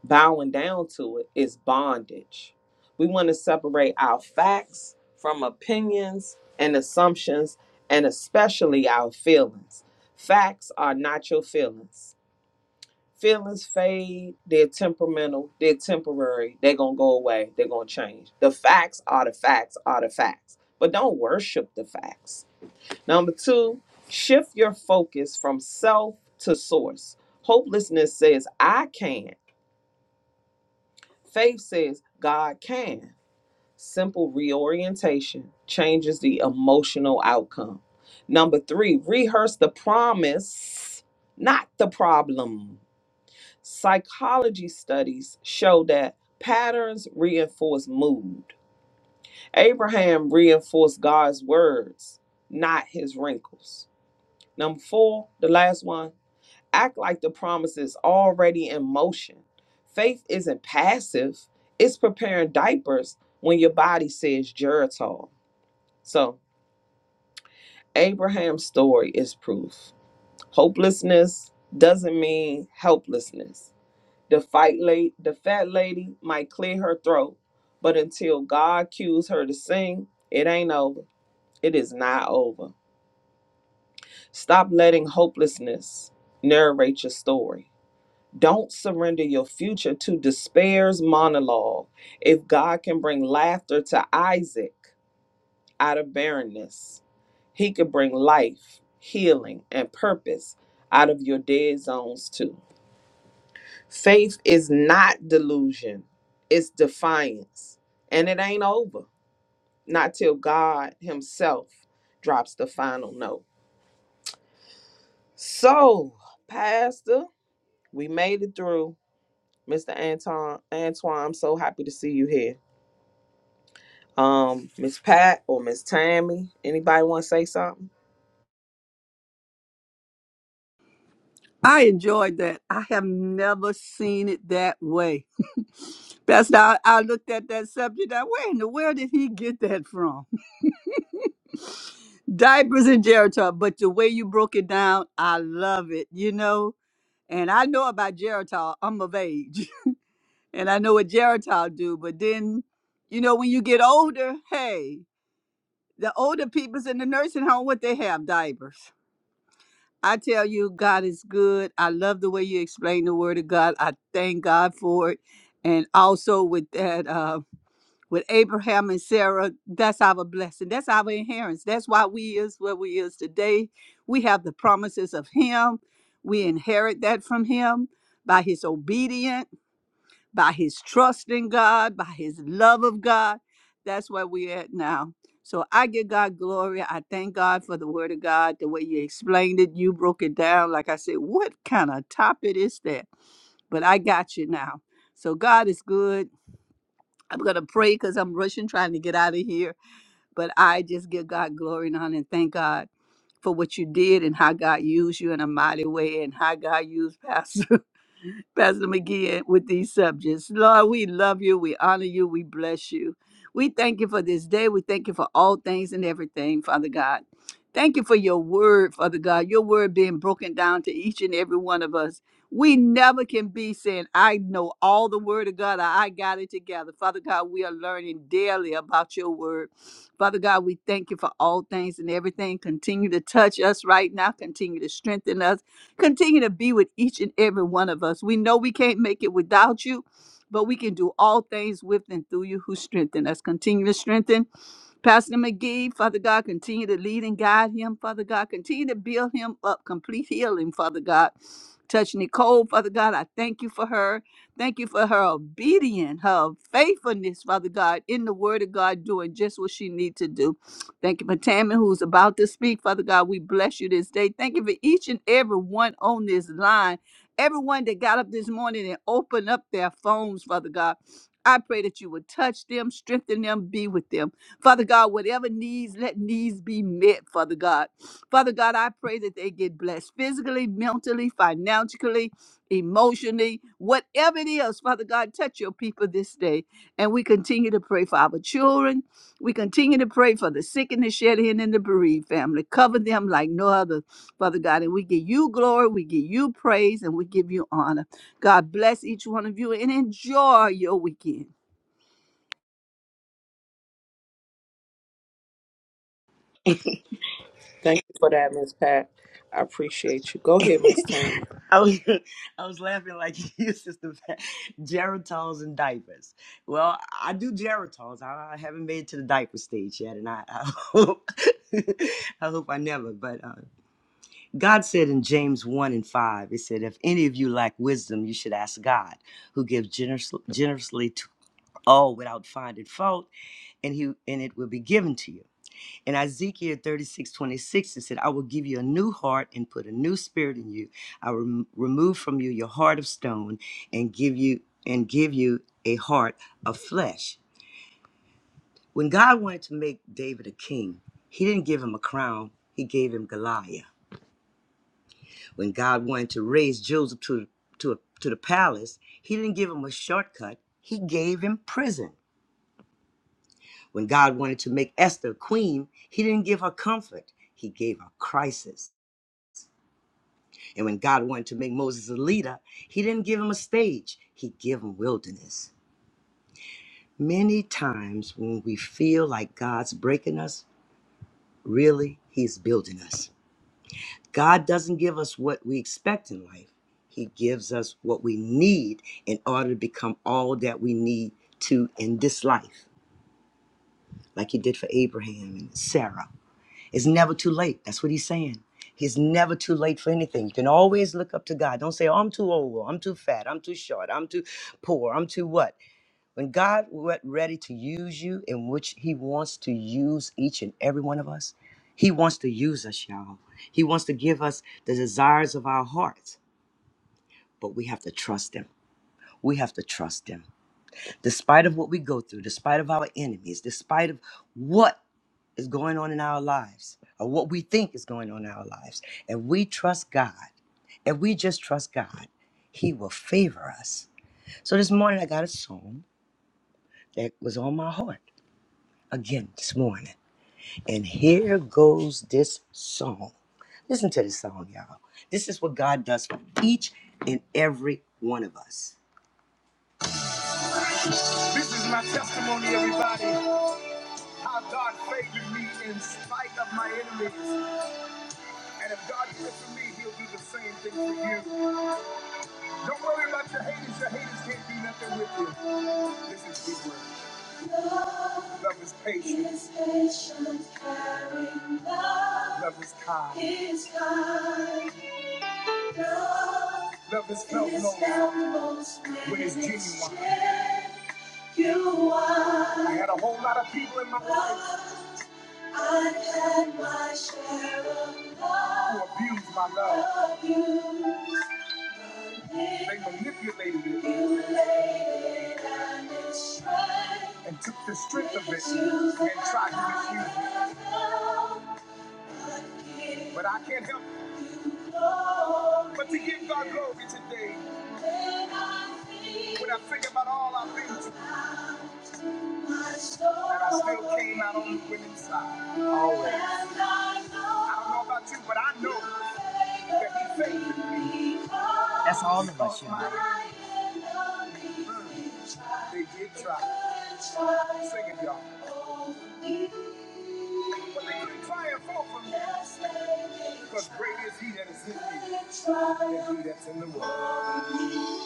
B: bowing down to it is bondage. We want to separate our facts from opinions and assumptions, and especially our feelings. Facts are not your feelings. Feelings fade, they're temperamental, they're temporary, they're going to go away, they're going to change. The facts are the facts are the facts, but don't worship the facts Number two, shift your focus from self to source. Hopelessness says, I can. not Faith says, God can. Simple reorientation changes the emotional outcome. Number three, rehearse the promise, not the problem. Psychology studies show that patterns reinforce mood. Abraham reinforced God's words, not his wrinkles. Number four, the last one act like the promise is already in motion. Faith isn't passive, it's preparing diapers when your body says Geritol. So, Abraham's story is proof. Hopelessness doesn't mean helplessness. The fight late, the fat lady might clear her throat, but until God cues her to sing, it ain't over. It is not over. Stop letting hopelessness narrate your story. Don't surrender your future to despair's monologue. If God can bring laughter to Isaac out of barrenness, he could bring life, healing, and purpose out of your dead zones too. Faith is not delusion, it's defiance. And it ain't over, not till God Himself drops the final note. So, Pastor, we made it through. Mr. Anton, Antoine, I'm so happy to see you here. Um, Miss Pat or Miss Tammy, anybody want to say something?
C: I enjoyed that. I have never seen it that way. That's how I looked at that subject. I where in the world did he get that from? Diapers and Geritol, but the way you broke it down, I love it. You know, and I know about Geritol. I'm of age, and I know what Geritol do. But then, you know, when you get older, hey. The older people's in the nursing home, what they have diapers. I tell you, God is good. I love the way you explain the word of God. I thank God for it. And also with that, uh, with Abraham and Sarah, that's our blessing. That's our inheritance. That's why we is where we is today. We have the promises of him. We inherit that from him by his obedience by his trust in God, by his love of God. That's where we're at now. So I give God glory. I thank God for the word of God, the way you explained it. You broke it down. Like I said, what kind of topic is that? But I got you now. So God is good. I'm going to pray because I'm rushing, trying to get out of here. But I just give God glory and honor and thank God for what you did and how God used you in a mighty way and how God used Pastor. Pastor McGee with these subjects. Lord, we love you. We honor you. We bless you. We thank you for this day. We thank you for all things and everything, Father God. Thank you for your word, Father God, your word being broken down to each and every one of us. We never can be saying, I know all the word of God, or I got it together. Father God, we are learning daily about your word. Father God, we thank you for all things and everything. Continue Continue to to touch us us. right now. Continue to strengthen us. Continue to be with each and every one of us. We know we can't make it without you, but we can do all things with and through you who strengthen us. Continue to strengthen. Pastor McGee, Father God, continue to lead and guide him, Father God. Continue to build him up, complete healing, Father God. Touch Nicole, Father God. I thank you for her. Thank you for her obedience, her faithfulness, Father God, in the word of God, doing just what she needs to do. Thank you for Tammy, who's about to speak. Father God, we bless you this day. Thank you for each and every one on this line, everyone that got up this morning and opened up their phones, Father God. I pray that you would touch them, strengthen them, be with them. Father God, whatever needs, let needs be met, Father God. Father God, I pray that they get blessed physically, mentally, financially, emotionally, whatever it is. Father God, touch your people this day. And we continue to pray for our children. We continue to pray for the sick and the shed in and the bereaved family. Cover them like no other, Father God. And we give you glory, we give you praise, and we give you honor. God bless each one of you and enjoy your weekend.
B: Thank you for that, Miss Pat. I appreciate you. Go ahead, Miss Tammy.
D: I was I was laughing like you sister Pat. Geritons and diapers. Well, I do geritons. I, I haven't made it to the diaper stage yet, and I, I hope I hope I never. But uh, God said in James one and five, He said, "If any of you lack wisdom, you should ask God, who gives generous, generously to all without finding fault, and He and it will be given to you." In Ezekiel 36:26, it said, I will give you a new heart and put a new spirit in you. I will rem- remove from you your heart of stone and give you and give you a heart of flesh. When God wanted to make David a king, he didn't give him a crown, he gave him Goliath. When God wanted to raise Joseph to, to, to the palace, he didn't give him a shortcut, he gave him prison. When God wanted to make Esther a queen, he didn't give her comfort, he gave her crisis. And when God wanted to make Moses a leader, he didn't give him a stage, he gave him wilderness. Many times when we feel like God's breaking us, really, he's building us. God doesn't give us what we expect in life. He gives us what we need in order to become all that we need to in this life, like he did for Abraham and Sarah It's never too late. That's what he's saying. He's never too late for anything. You can always look up to God. Don't say, oh, I'm too old, or I'm too fat, I'm too short, I'm too poor, I'm too what. When God went ready to use you, in which he wants to use each and every one of us, he wants to use us, y'all. He wants to give us the desires of our hearts, but we have to trust him. We have to trust him despite of what we go through, despite of our enemies, despite of what is going on in our lives or what we think is going on in our lives. if we trust God if we just trust God, He will favor us. So this morning I got a song that was on my heart again this morning. And here goes this song. Listen to this song, y'all. This is what God does for each and every one of us. This is my testimony, everybody. How God favored me in spite of my enemies. And if God did it for me, he'll do the same thing for you. Don't worry about your haters. Your haters can't do nothing with you. This is the word. Love is patient. Is patient, caring. Love Love is kind. Is kind. Love Love is felt most when it's genuine. You are. I had a whole lot of people in my life. I've had my share of love. Who abused my love. Abused They manipulated it. Manipulated and destroyed. And took the strength of it and tried to misuse it. But I can't help but to give God glory today. When I think about all I've been through, and I still came out on the winning side. Always. I don't know about you, but I know that He favored me. That's all of us, y'all. They did try. Sing it, y'all. But they couldn't triumph over me. Because great is he that is in me. than He that's in the world.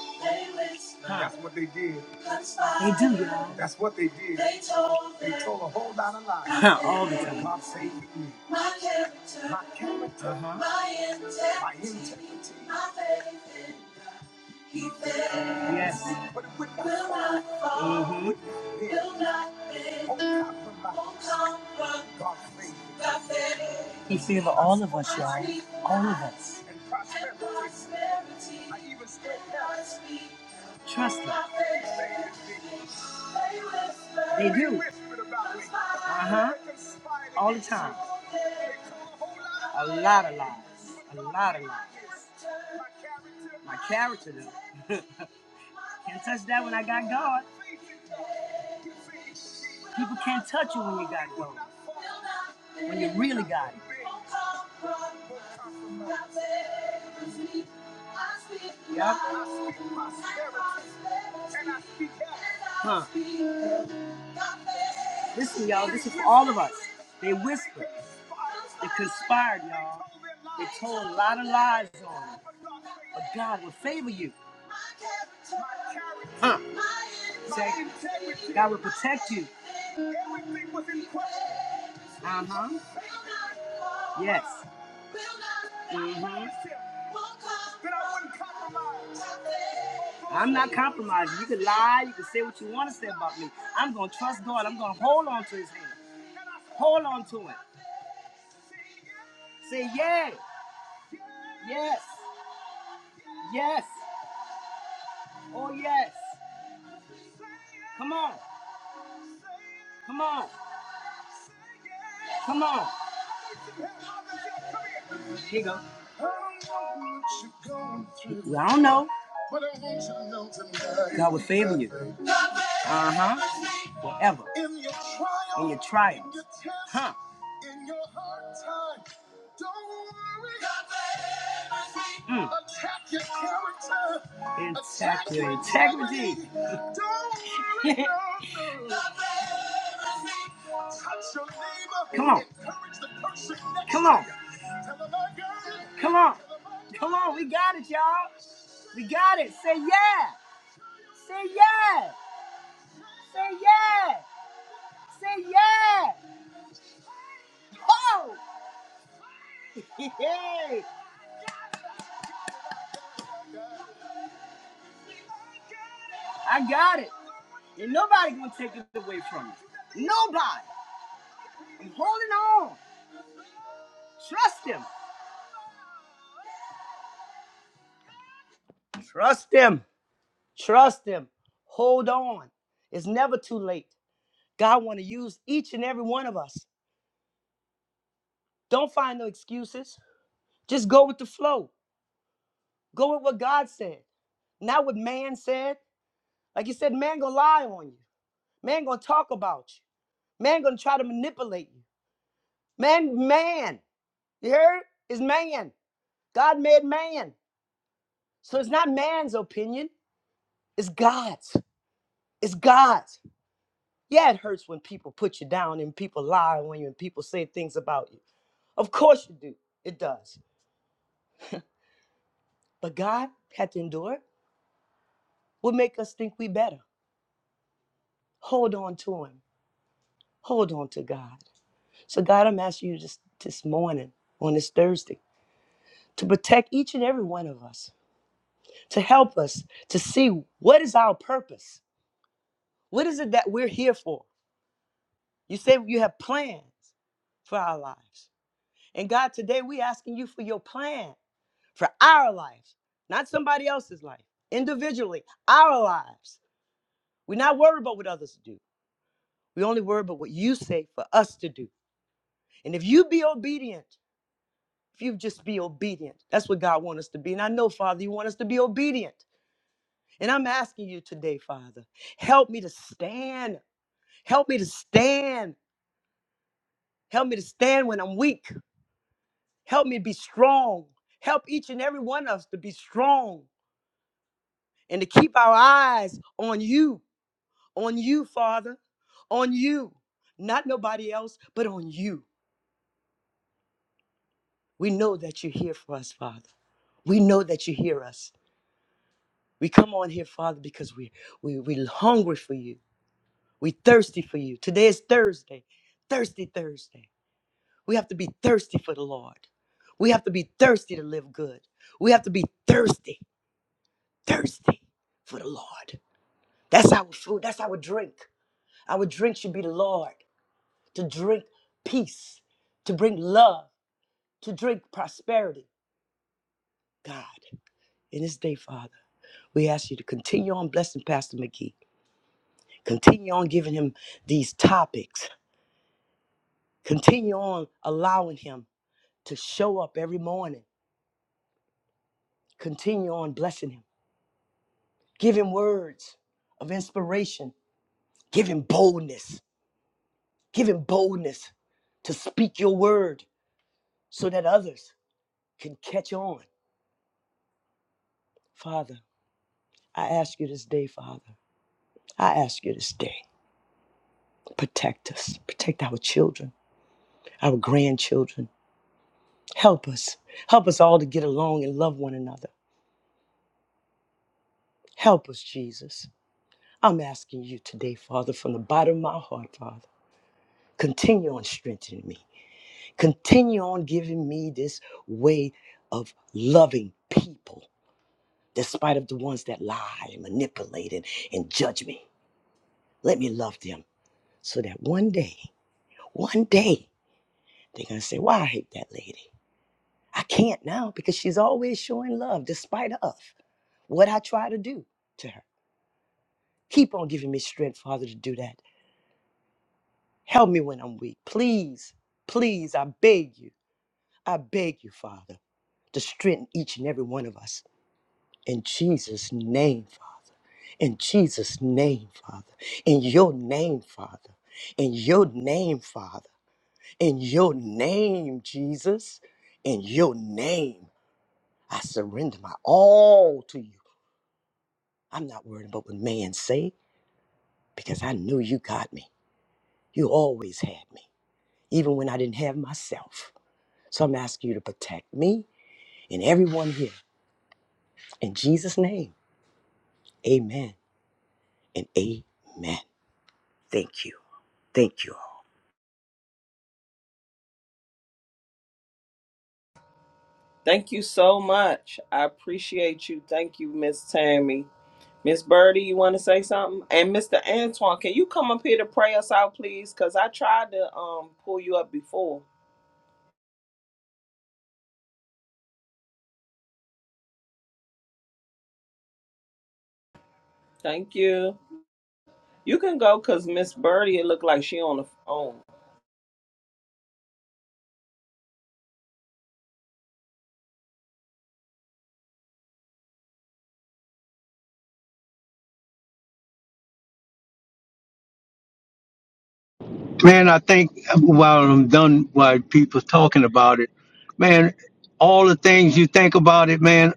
D: That's what they did. They do, y'all. That's what they did. They told They told a whole lot of lies. All the time. My faith in me. My character. My character. Uh-huh. My integrity. My integrity. My faith in me. Yes. Will Mhm. Will not He's here for all of us, y'all. All of us. Trust me. They do. Uh huh. All the time. A lot of lies. A lot of lies. My character, though. can't touch that when I got God. People can't touch you when you got God. When you really got it. Yeah. I speak prosperity. Huh. Listen, y'all, this is all of us. They whispered. They conspired, y'all. They told a lot of lies on you. But God will favor you. Huh. Say, God will protect you. Uh huh. Yes. Mm-hmm. I am not compromising. You can lie. You can say what you want to say about me. I'm going to trust God. I'm going to hold on to his hand. Hold on to it. Say, yeah, yes, yes, oh, yes. Come on, come on, come on. Here you go. I don't know. God will favor you. Uh huh. Forever. In your trial. Huh. In your hard time. Don't worry. Mm. Attack your character. Attack your integrity. Don't worry. no, no. Come on. Come on. Come on. Come on. We got it, y'all. We got it. Say yeah. Say yeah. Say yeah. Say yeah. Oh, hey, I got it. And nobody gonna take it away from you. Nobody. I'm holding on. Trust him. Trust him. Trust him. Hold on. It's never too late. God want to use each and every one of us. Don't find no excuses. Just go with the flow. Go with what God said, not what man said. Like you said, man gonna lie on you. Man gonna talk about you. Man gonna try to manipulate you. Man, man, you heard? It's man. God made man. So it's not man's opinion. It's God's. It's God's. Yeah, it hurts when people put you down and people lie on you and people say things about you. Of course you do. It does. But God had to endure it. What make us think we better? Hold on to him. Hold on to God. So, God, I'm asking you this, this morning, on this Thursday, to protect each and every one of us, to help us to see what is our purpose. What is it that we're here for? You say you have plans for our lives. And God, today we are asking you for your plan for our lives, not somebody else's life, individually, our lives. We're not worried about what others do. We only worry about what you say for us to do. And if you be obedient, If you just be obedient, that's what God wants us to be. And I know, Father, you want us to be obedient. And I'm asking you today, Father, help me to stand. Help me to stand. Help me to stand when I'm weak. Help me to be strong. Help each and every one of us to be strong and to keep our eyes on you, on you, Father, on you, not nobody else, but on you. We know that you're here for us, Father. We know that you hear us. We come on here, Father, because we we we are hungry for you. We are thirsty for you. Today is Thursday, thirsty Thursday. We have to be thirsty for the Lord. We have to be thirsty to live good. We have to be thirsty, thirsty for the Lord. That's our food. That's our drink. Our drink should be the Lord. To drink peace, to bring love, to drink prosperity. God, in this day, Father, we ask you to continue on blessing Pastor McGee. Continue on giving him these topics. Continue on allowing him to show up every morning. Continue on blessing him. Give him words of inspiration. Give him boldness. Give him boldness to speak your word so that others can catch on. Father, I ask you this day, Father. I ask you this day. Protect us. Protect our children, our grandchildren. Help us. Help us all to get along and love one another. Help us, Jesus. I'm asking you today, Father, from the bottom of my heart, Father, continue on strengthening me. Continue on giving me this way of loving people, despite of the ones that lie and manipulate and, and judge me. Let me love them so that one day, one day, they're going to say, Why I hate that lady? I can't now because she's always showing love despite of what I try to do to her. Keep on giving me strength, Father, to do that Help me when I'm weak. Please, please, I beg you. I beg you, Father, to strengthen each and every one of us. In Jesus' name, Father. In Jesus' name, Father. In your name, Father. In your name, Father. In your name, Jesus. In your name, I surrender my all to you. I'm not worried about what man say because I know you got me. You always had me, even when I didn't have myself. So I'm asking you to protect me and everyone here. In Jesus' name, amen and amen. Thank you. Thank you
B: Thank you so much. I appreciate you. Thank you, Miss Tammy. Miss Birdie, you want to say something? And Mr. Antoine, can you come up here to pray us out, please? Because I tried to um pull you up before. Thank you. You can go because Miss Birdie, it looked like she on the phone.
A: Man, I think while I'm done, while people's talking about it, man, all the things you think about it, man,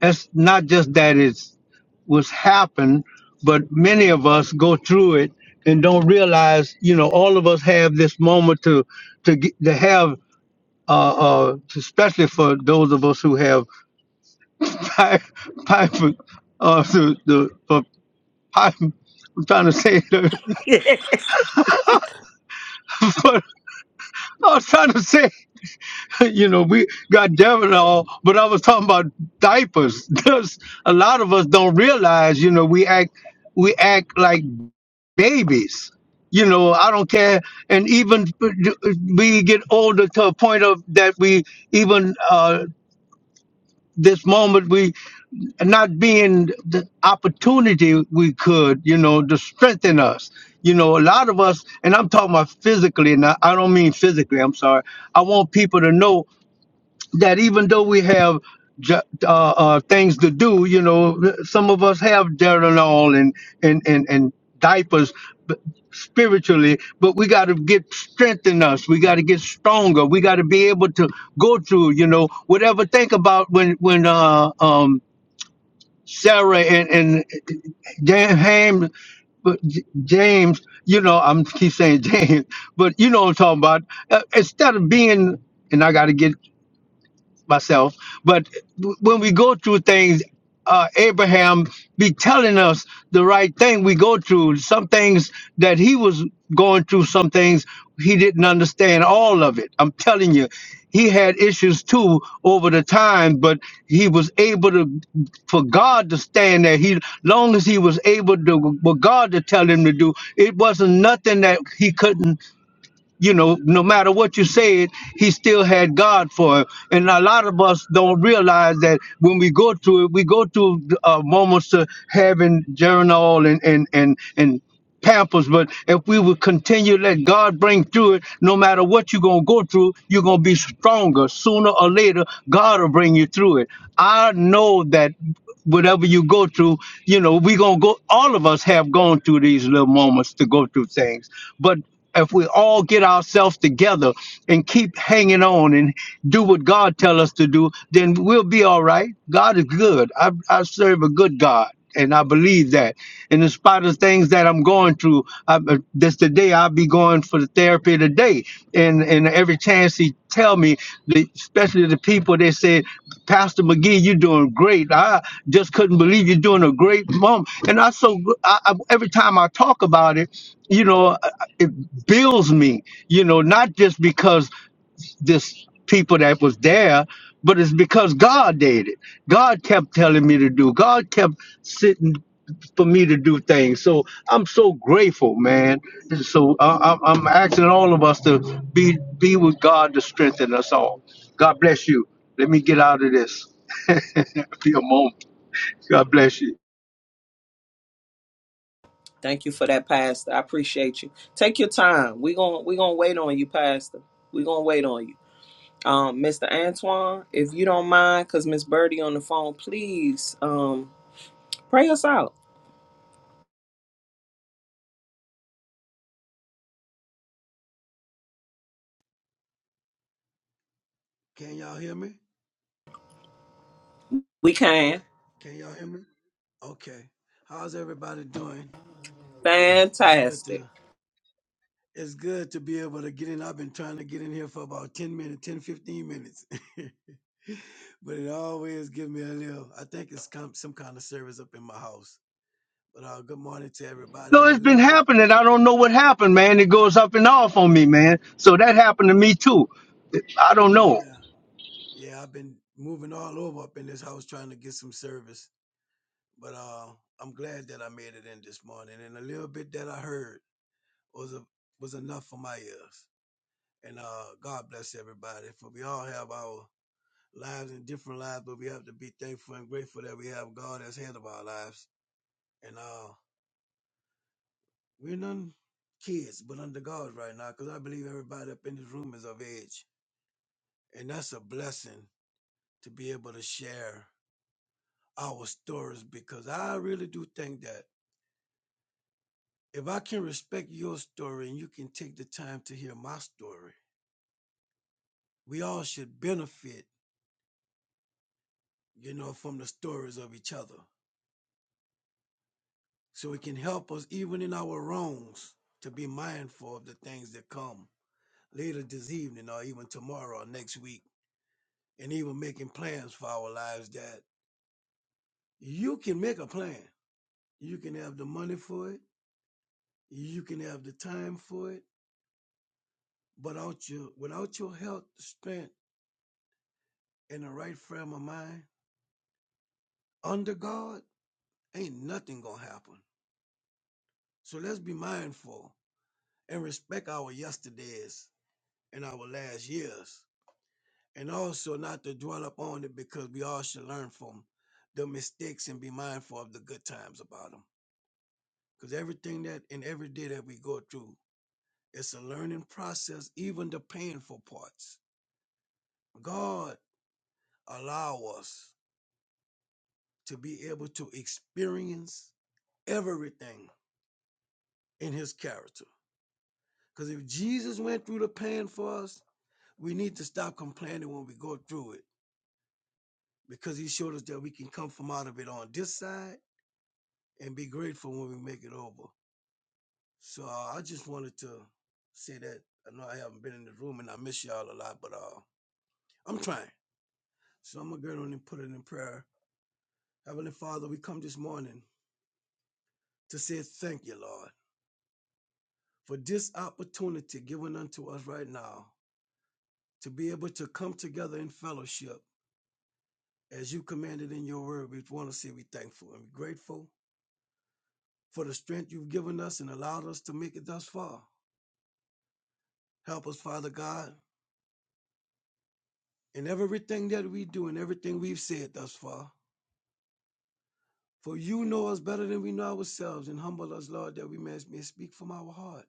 A: that's not just that it's what's happened, but many of us go through it and don't realize, you know, all of us have this moment to to get, to have. uh, uh, especially for those of us who have pipe, pipe, uh, the, the for pipe. I'm trying to say, but
D: all.
A: I was trying to say, you know, we got damn it all, but I was talking about diapers. There's a lot of us don't realize, you know, we act, we act like babies. You know, I don't care, and even uh, we get older to a point of that we even uh, this moment we not being the opportunity we could, you know, to strengthen us. You know, a lot of us, and I'm talking about physically, and I I don't mean physically, I'm sorry. I want people to know that even though we have jo- uh, uh, things to do, you know, some of us have Deranol and and and and diapers but spiritually, but we got to get strength in us. We got to get stronger. We got to be able to go through, you know, whatever. Think about when when uh, um, Sarah and and Dan Ham but J- James, you know, I'm keep saying James, but you know what I'm talking about. Uh, instead of being, and I got to get myself. But when we go through things, uh, Abraham be telling us the right thing we go through. Some things that he was going through, some things he didn't understand all of it. I'm telling you, he had issues too over the time, but he was able to, for God to stand there. He, long as he was able to, for God to tell him to do, it wasn't nothing that he couldn't you know, no matter what you said, he still had God for him. And a lot of us don't realize that when we go through it, we go through uh, moments of having journal and and and and pampers but if we would continue to let god bring through it no matter what you're going to go through you're going to be stronger sooner or later god will bring you through it i know that whatever you go through, you know, we gonna go all of us have gone through these little moments to go through things. But if we all get ourselves together and keep hanging on and do what God tell us to do, then we'll be all right. God is good. I, I serve a good God. And I believe that. And in spite of things that I'm going through, I, uh, this today I'll be going for the therapy today way. And and every chance he tell me, the- especially the people that said, Pastor McGee, you're doing great. I just couldn't believe you're doing a great mom. And I so gr- I, I, every time I talk about it, you know, I- I- it builds me. You know, not just because this people that was there, but it's because God did it. God kept telling me to do. God kept sitting for me to do things. So I'm so grateful, man. And So I, I, I'm asking all of us to be be with God to strengthen us all. God bless you. Let me get out of this. for a moment. God bless you.
B: Thank you for that, Pastor. I appreciate you. Take your time. We're going we gonna wait on you, Pastor. We're gonna wait on you. Um, Mr. Antoine, if you don't mind, because Miss Birdie on the phone, please um pray us out.
E: Can y'all hear me?
B: We can.
E: Can y'all hear me? Okay. How's everybody doing? It's good
B: Fantastic.
E: to it's good to be able to get in. I've been trying to get in here for about 10 minutes, 10 15 minutes. but it always gives me a little I think it's come, some kind of service up in my house. But uh good morning to everybody
A: No,
E: and a
A: it's been
E: little bit
A: happening. I don't know what happened, man. It goes up and off on me, man. So that happened to me too. I don't know.
E: yeah. Yeah, I've been moving all over up in this house trying to get some service. But uh I'm glad that I made it in this morning and a little bit that I heard was a, was enough for my ears. And uh, God bless everybody. For we all have our lives and different lives, but we have to be thankful and grateful that we have God as head of our lives. And uh, we're none kids, but under God right now, because I believe everybody up in this room is of age. And that's a blessing to be able to share our stories because I really do think that if I can respect your story and you can take the time to hear my story, we all should benefit, you know, from the stories of each other. so it can help us even in our wrongs to be mindful of the things that come later this evening or even tomorrow or next week and even making plans for our lives that you can make a plan you can have the money for it you can have the time for it but without your without your health strength and the right frame of mind under god ain't nothing gonna happen so let's be mindful and respect our yesterdays and our last years and also not to dwell upon it because we all should learn from the mistakes and be mindful of the good times about them. Because everything that and every day that we go through, it's a learning process, even the painful parts. God allow us to be able to experience everything in his character. Because if Jesus went through the pain for us, we need to stop complaining when we go through it because he showed us that we can come from out of it on this side and be grateful when we make it over. So uh, I just wanted to say that I know I haven't been in the room and I miss y'all a lot, but uh, I'm trying. So I'm gonna get on and put it in prayer. Heavenly Father, we come this morning to say thank you, Lord, for this opportunity given unto us right now to be able to come together in fellowship as you commanded in your word. We want to say we are thankful and we're grateful for the strength you've given us and allowed us to make it thus far. Help us, Father God, in everything that we do and everything we've said thus far. For you know us better than we know ourselves, and humble us, Lord, that we may may speak from our heart.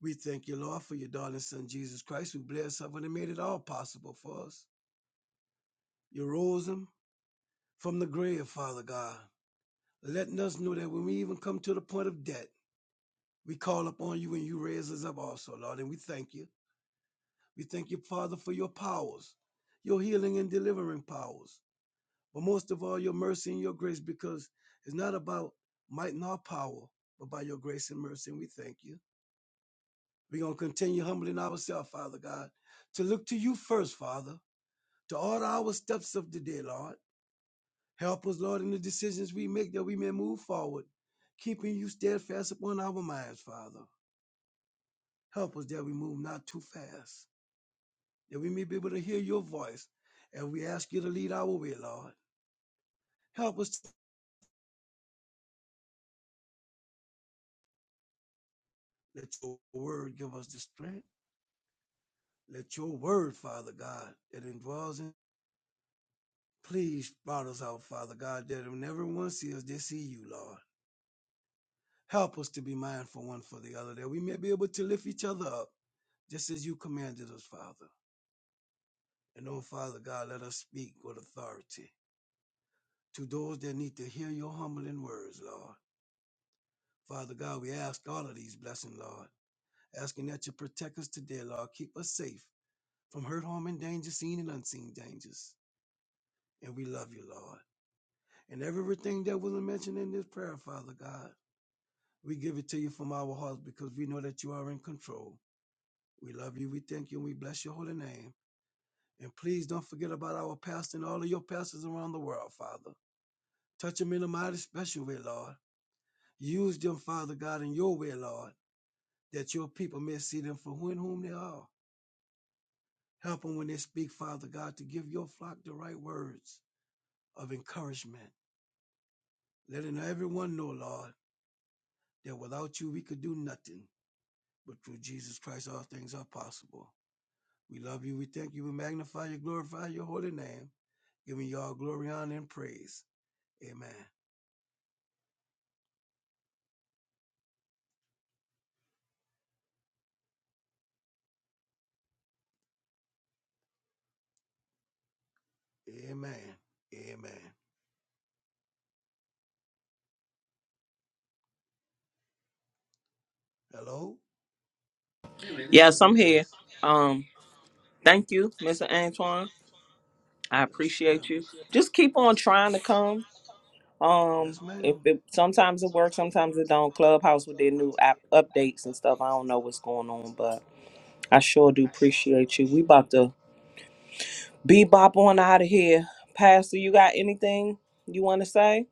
E: We thank you, Lord, for your darling Son, Jesus Christ, who blessed us and made it all possible for us. You rose him from the grave, Father God, letting us know that when we even come to the point of death, we call upon you and you raise us up also, Lord, and we thank you. We thank you, Father, for your powers, your healing and delivering powers, but most of all, your mercy and your grace, because it's not about might nor power, but by your grace and mercy, and we thank you. We're going to continue humbling ourselves, Father God, to look to you first, Father, to order our steps of the day, Lord. Help us, Lord, in the decisions we make that we may move forward, keeping you steadfast upon our minds, Father. Help us that we move not too fast, that we may be able to hear your voice, and we ask you to lead our way, Lord. Help us. Let your word give us the strength. Let your word, Father God, that indwells in. Please blot us out, Father God, that when everyone sees us, they see you, Lord. Help us to be mindful one for the other, that we may be able to lift each other up, just as you commanded us, Father. And oh, Father God, let us speak with authority to those that need to hear your humbling words, Lord. Father God, we ask all of these blessings, Lord, asking that you protect us today, Lord. Keep us safe from hurt, harm, and danger, seen and unseen dangers. And we love you, Lord. And everything that wasn't mentioned in this prayer, Father God, we give it to you from our hearts because we know that you are in control. We love you. We thank you. And we bless your holy name. And please don't forget about our pastor and all of your pastors around the world, Father. Touch them in a mighty special way, Lord. Use them, Father God, in your way, Lord, that your people may see them for who and whom they are. Help them when they speak, Father God, to give your flock the right words of encouragement, letting everyone know, Lord, that without you we could do nothing, but through Jesus Christ all things are possible. We love you, we thank you, we magnify you, glorify your holy name, giving you all glory, honor, and praise. Amen. Amen. Amen. Hello?
B: Yes, I'm here. Um, thank you, Mr. Antoine. I
E: Yes, ma'am.
B: appreciate you. Just keep on trying to come.
E: Yes,
B: Um, if
E: ma'am.
B: it, sometimes it works, sometimes it don't. Clubhouse with their new app updates and stuff. I don't know what's going on, but I sure do appreciate you. We about to bebop on out of here. Pastor, you got anything you want to say?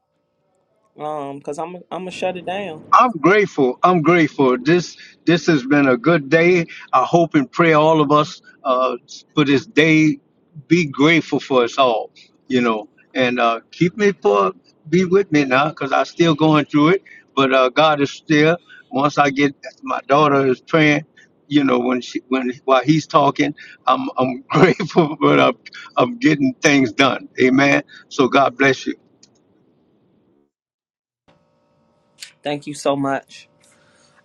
B: Um, cause I'm I'm gonna shut it down.
A: I'm grateful. I'm grateful. This this has been a good day. I hope and pray all of us uh, for this day. Be grateful for us all, you know, and uh, keep me for be with me now because I'm still going through it. But uh, God is still. Once I get my daughter is praying, you know, when she when while he's talking, I'm I'm grateful, but I'm I'm getting things done. Amen. So God bless you.
B: Thank you so much.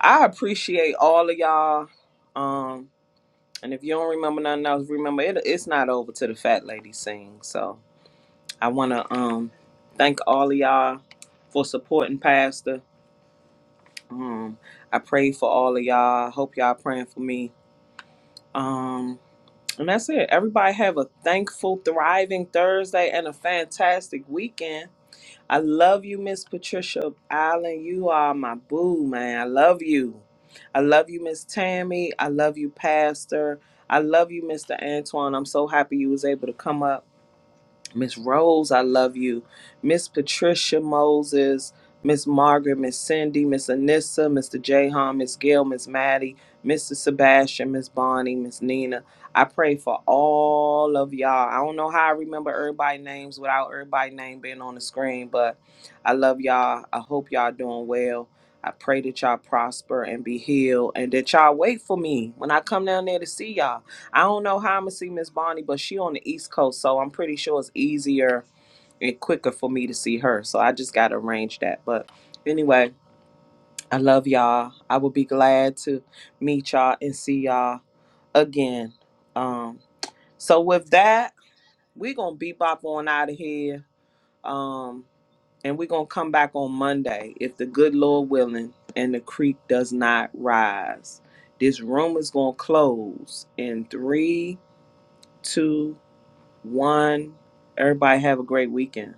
B: I appreciate all of y'all. Um, and if you don't remember nothing else, remember it, it's not over till the fat lady sings. So I wanna um thank all of y'all for supporting Pastor. Um, I pray for all of y'all. I hope y'all praying for me. Um, And that's it. Everybody have a thankful, thriving Thursday and a fantastic weekend. I love you, Miss Patricia Allen. You are my boo, man. I love you. I love you, Miss Tammy. I love you, Pastor. I love you, Mr. Antoine. I'm so happy you was able to come up. Miss
E: Yes,
B: Rose, I
E: ma'am.
B: love you. Miss Patricia Moses, Miss Margaret, Miss Cindy, Miss Anissa, Mr. Jahan, Miss Gail, Miss Maddie, Mr. Sebastian, Miss Bonnie, Miss Nina. I pray for all of y'all. I don't know how I remember everybody names without everybody name being on the screen, but I love y'all. I hope y'all doing well. I pray that y'all prosper and be healed and that y'all wait for me when I come down there to see y'all. I don't know how I'm gonna see Miss Bonnie, but she on the East Coast, so I'm pretty sure it's easier and quicker for me to see her. So I just gotta arrange that. But anyway, I love y'all. I will be glad to meet y'all and see y'all again. Um, so with that, we are gonna bebop on out of here. Um, and we are gonna come back on Monday if the good Lord willing and the creek does not rise. This room is gonna close in three, two One. Everybody have a great weekend.